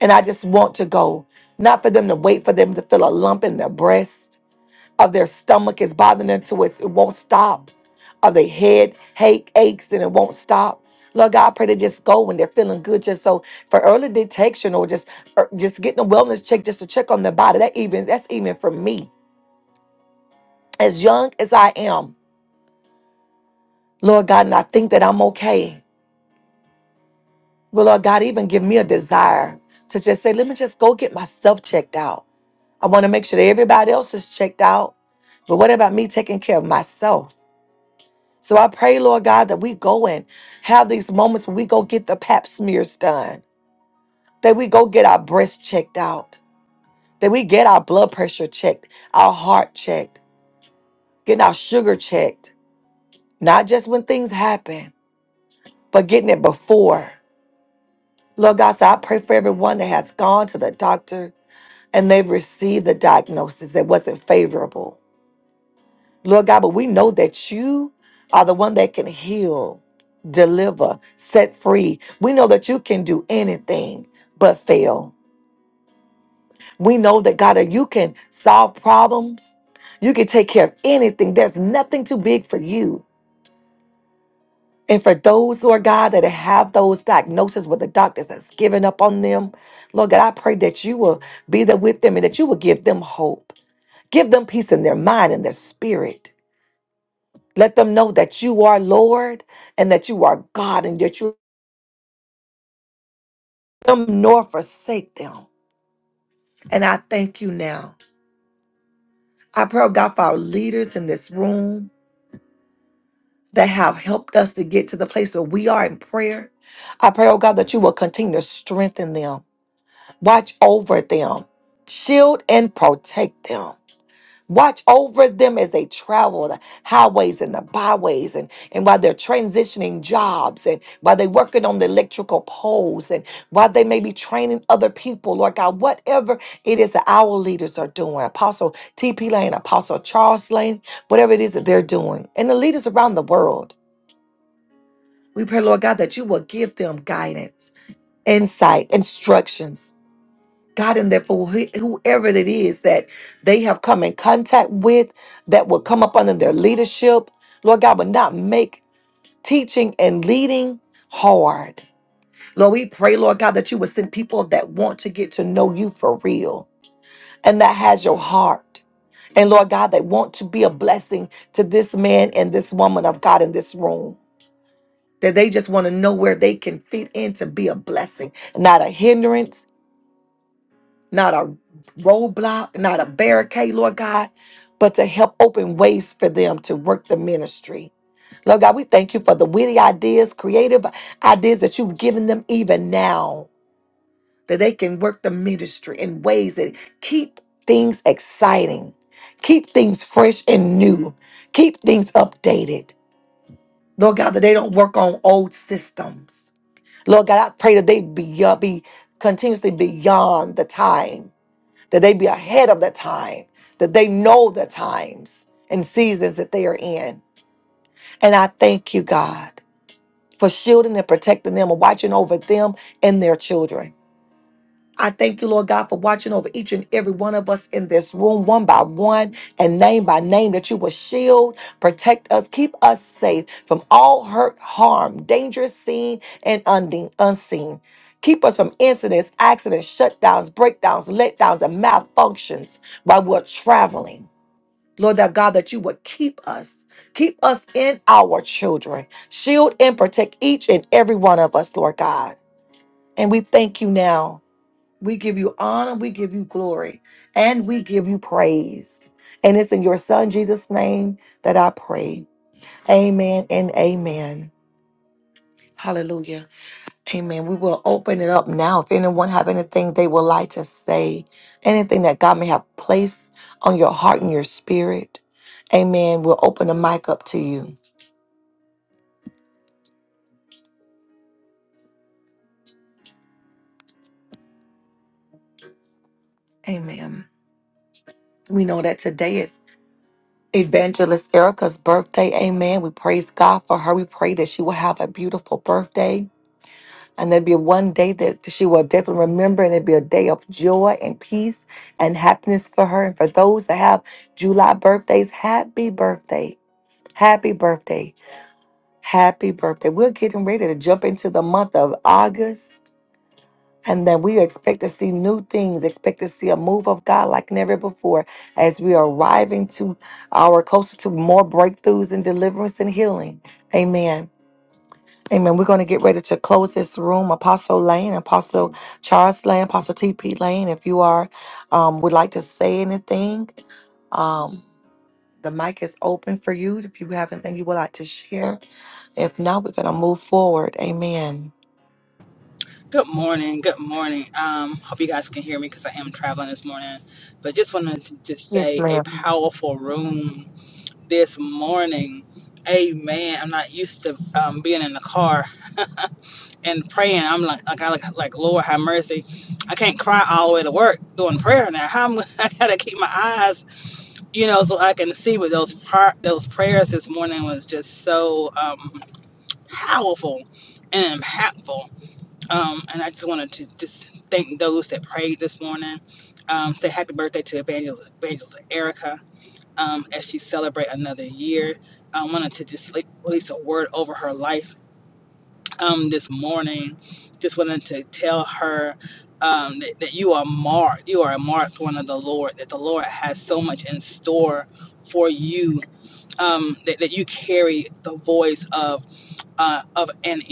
and I just want to go. Not for them to wait for them to feel a lump in their breast of their stomach is bothering them to it, it won't stop. Of their head ache, aches and it won't stop. Lord God, I pray they just go when they're feeling good, just so for early detection or just or just getting a wellness check, just to check on their body. That even that's even for me, as young as I am, Lord God, and I think that I'm okay. Will Lord God even give me a desire to just say, let me just go get myself checked out. I want to make sure that everybody else is checked out, but what about me taking care of myself? So I pray, Lord God, that we go and have these moments where we go get the pap smears done, that we go get our breasts checked out, that we get our blood pressure checked, our heart checked, getting our sugar checked, not just when things happen, but getting it before. Lord God, so I pray for everyone that has gone to the doctor and they've received the diagnosis that wasn't favorable Lord God, but we know that you are the one that can heal, deliver, set free. We know that you can do anything but fail. We know that God, that you can solve problems. You can take care of anything. There's nothing too big for you. And for those, Lord God, that have those diagnoses where the doctors has given up on them, Lord God, I pray that you will be there with them and that you will give them hope. Give them peace in their mind and their spirit Let them know that you are Lord and that you are God and that you them nor forsake them. And I thank you now. I pray, oh God, for our leaders in this room that have helped us to get to the place where we are in prayer. I pray, oh God, that you will continue to strengthen them, watch over them, shield and protect them. Watch over them as they travel the highways and the byways and, and while they're transitioning jobs and while they're working on the electrical poles and while they may be training other people, Lord God, whatever it is that our leaders are doing, Apostle T.P. Lane, Apostle Charles Lane, whatever it is that they're doing, and the leaders around the world, we pray, Lord God, that you will give them guidance, insight, instructions God and therefore wh- whoever it is that they have come in contact with that will come up under their leadership. Lord God, will not make teaching and leading hard. Lord, we pray, Lord God, that you would send people that want to get to know you for real and that has your heart. And Lord God, that want to be a blessing to this man and this woman of God in this room. That they just want to know where they can fit in to be a blessing, not a hindrance, not a roadblock, not a barricade, Lord God, but to help open ways for them to work the ministry. Lord God, we thank you for the witty ideas, creative ideas that you've given them even now, that they can work the ministry in ways that keep things exciting, keep things fresh and new, keep things updated. Lord God, that they don't work on old systems. Lord God, I pray that they be, uh, be continuously beyond the time that they be ahead of the time, that they know the times and seasons that they are in. And I thank you, God, for shielding and protecting them and watching over them and their children. I thank you, Lord God, for watching over each and every one of us in this room, one by one and name by name, that you will shield, protect us, keep us safe from all hurt, harm, dangerous, seen, and unde- unseen. Keep us from incidents, accidents, shutdowns, breakdowns, letdowns, and malfunctions while we're traveling. Lord, that God, that you would keep us, keep us in our children, shield and protect each and every one of us, Lord God. And we thank you now. We give you honor, we give you glory, and we give you praise. And it's in your son Jesus' name that I pray. Amen and amen. Hallelujah. Amen. We will open it up now. If anyone have anything they would like to say, anything that God may have placed on your heart and your spirit, amen. We'll open the mic up to you. Amen. We know that today is Evangelist Erica's birthday. Amen. We praise God for her. We pray that she will have a beautiful birthday. And there'd be one day that she will definitely remember, and there'd be a day of joy and peace and happiness for her. And for those that have July birthdays, happy birthday. Happy birthday. Happy birthday. We're getting ready to jump into the month of August. And then we expect to see new things, expect to see a move of God like never before as we are arriving to our closer to more breakthroughs and deliverance and healing. Amen. Amen. We're going to get ready to close this room. Apostle Lane, Apostle Charles Lane, Apostle TP Lane. If you are um, would like to say anything, um, the mic is open for you. If you have anything you would like to share, if not, we're going to move forward. Amen.
Good morning. Good morning. Um, hope you guys can hear me because I am traveling this morning. But just wanted to just
Yes,
say a
ma'am.
powerful room this morning. Amen. I'm not used to um, being in the car and praying. I'm like, like I like, like Lord have mercy. I can't cry all the way to work doing prayer now. How am I, gotta keep my eyes, you know, so I can see. But those par- those prayers this morning was just so um, powerful and impactful um, and I just wanted to just thank those that prayed this morning. Um, say happy birthday to Evangelist, Evangelist Erica um, as she celebrates another year. I wanted to just like, release a word over her life um, this morning. Just wanted to tell her um, that, that you are marked. You are a marked one of the Lord. That the Lord has so much in store for you. Um, that, that you carry the voice of uh, of an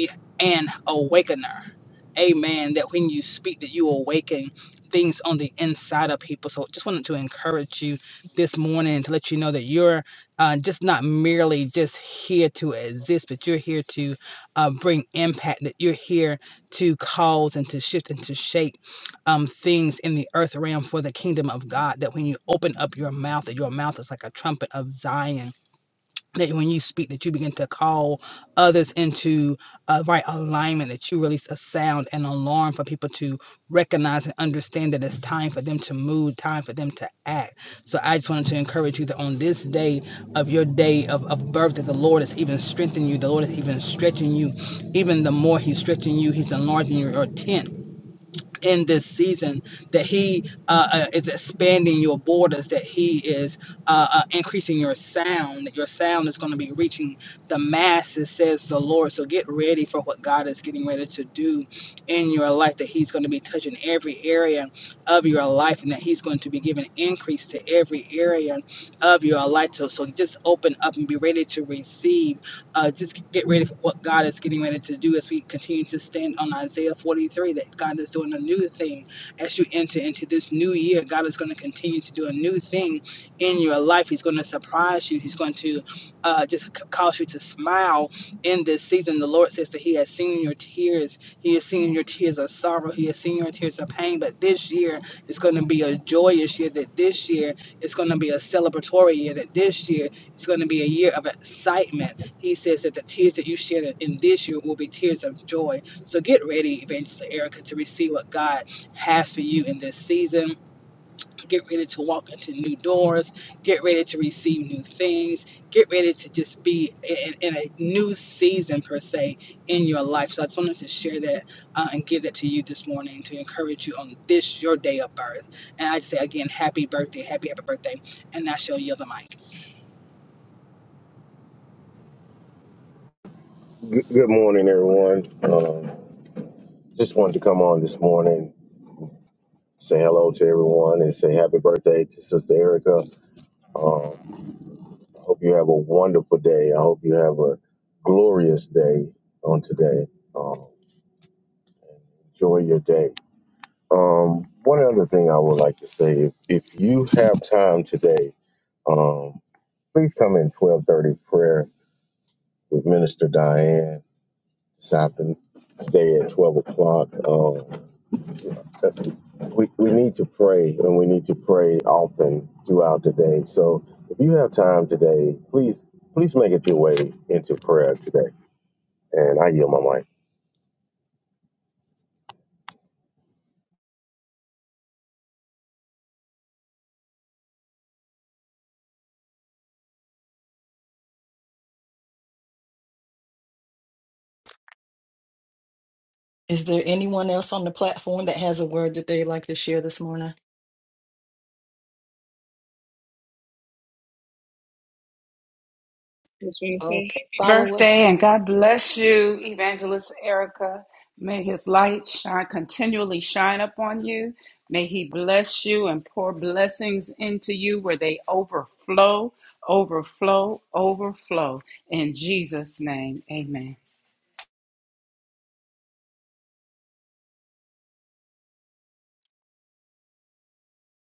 an awakener. Amen. That when you speak, that you awaken things on the inside of people. So just wanted to encourage you this morning to let you know that you're uh, just not merely just here to exist, but you're here to uh, bring impact. That you're here to cause and to shift and to shape um, things in the earth realm for the kingdom of God. That when you open up your mouth, that your mouth is like a trumpet of Zion that when you speak that you begin to call others into a right alignment that you release a sound and alarm for people to recognize and understand that it's time for them to move time for them to act so i just wanted to encourage you that on this day of your day of, of birth that the lord is even strengthening you the lord is even stretching you even the more he's stretching you he's enlarging your, your tent in this season that he uh, uh, is expanding your borders that he is uh, uh, increasing your sound that your sound is going to be reaching the masses says the lord so get ready for what god is getting ready to do in your life that he's going to be touching every area of your life and that he's going to be giving increase to every area of your life so, so just open up and be ready to receive uh, just get ready for what God is getting ready to do as we continue to stand on Isaiah 43 that God is doing a new thing. As you enter into this new year, God is going to continue to do a new thing in your life. He's going to surprise you, He's going to uh, just c- cause you to smile in this season. The Lord says that He has seen your tears, He has seen your tears of sorrow, He has seen your tears of pain. But this year, is going to be a joyous year, that this year, is going to be a celebratory year, that this year, it's going to be a year of excitement. He says that the tears that you shed in this year will be tears of joy. So get ready, Evangelist Erica, to receive what God has for you in this season. Get ready to walk into new doors. Get ready to receive new things. Get ready to just be in, in a new season, per se, in your life. So I just wanted to share that uh, and give that to you this morning to encourage you on this, your day of birth. And I'd say again, happy birthday, happy, happy birthday. And I shall yield the mic.
Good good morning, everyone. Um, just wanted to come on this morning, say hello to everyone, and say happy birthday to Sister Erica. I hope you have a wonderful day. I hope you have a glorious day on today. Um, enjoy your day. Um, one other thing I would like to say, if, if you have time today, um, please come in 1230 prayer with Minister Diane. It's happened today at 12 o'clock. Um, we, we need to pray and we need to pray often throughout the day. So if you have time today, please please make it your way into prayer today. And I yield my mic.
Is there anyone else on the platform that has a word that they'd like to share this morning?
Just want to say
Okay,
happy
follow
birthday
us.
and God bless you, Evangelist Erica. May his light shine continually shine upon you. May he bless you and pour blessings into you where they overflow, overflow, overflow. In Jesus' name, amen.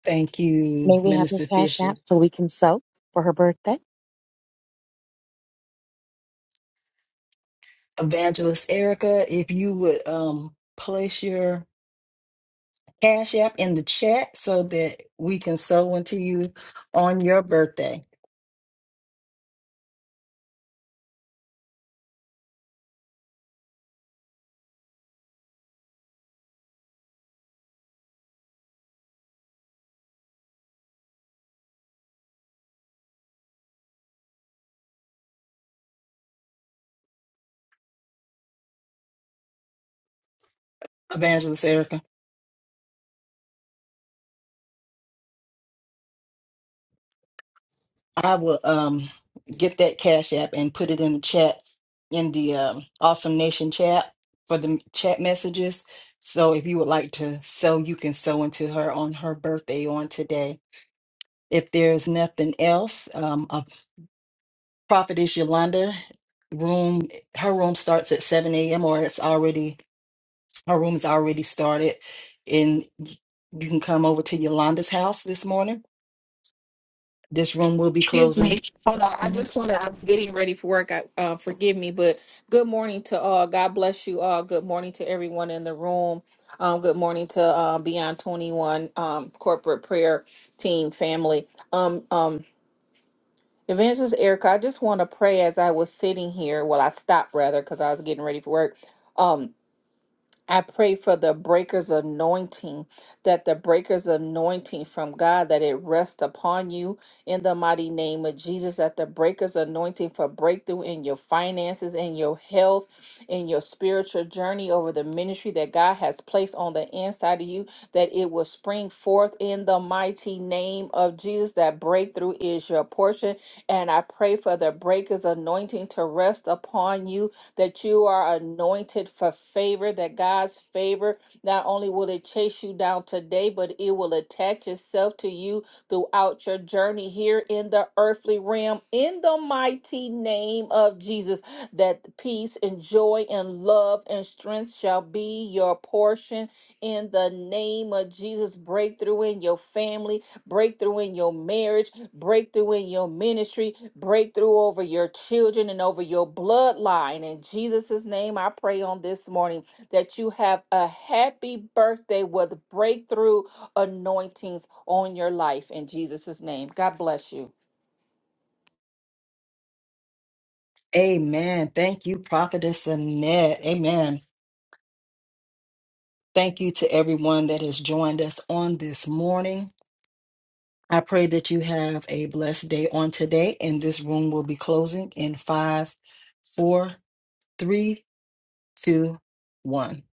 Thank you,
May we have her
Minister
cash
Fisher.
app so we can sew for her birthday?
Evangelist Erica, if you would um place your Cash App in the chat so that we can sow into you on your birthday, Evangelist Erica. I will um get that Cash App and put it in the chat in the um, Awesome Nation chat for the chat messages. So if you would like to sow, you can sow into her on her birthday on today. If there's nothing else, um, a prophetess Yolanda room her room starts at 7 a.m. or it's already Her room is already started, and y- you can come over to Yolanda's house this morning. This room will be
Excuse
closing.
me. Hold on. I
Mhm.
just want to. I'm getting ready for work. I, uh, forgive me, but good morning to all. God bless you all. Good morning to everyone in the room. Um, good morning to uh, Beyond 21 um, corporate prayer team family. Um, um, Evangelist Erica, I just want to pray as I was sitting here. Well, I stopped rather because I was getting ready for work. Um, I pray for the breaker's anointing, that the breaker's anointing from God, that it rests upon you in the mighty name of Jesus, that the breaker's anointing for breakthrough in your finances, in your health, in your spiritual journey over the ministry that God has placed on the inside of you, that it will spring forth in the mighty name of Jesus, that breakthrough is your portion. And I pray for the breaker's anointing to rest upon you that you are anointed for favor, that God's favor not only will it chase you down today, but it will attach itself to you throughout your journey here in the earthly realm. In the mighty name of Jesus, that peace and joy and love and strength shall be your portion in the name of Jesus. Breakthrough in your family, breakthrough in your marriage, breakthrough in your ministry, breakthrough over your children and over your bloodline. In Jesus' name, I pray on this morning that you have a happy birthday with breakthrough anointings on your life. In Jesus' name, God bless you.
Amen. Thank you, Prophetess Annette. Amen. Thank you to everyone that has joined us on this morning. I pray that you have a blessed day on today, and this room will be closing in five, four, three, two, one.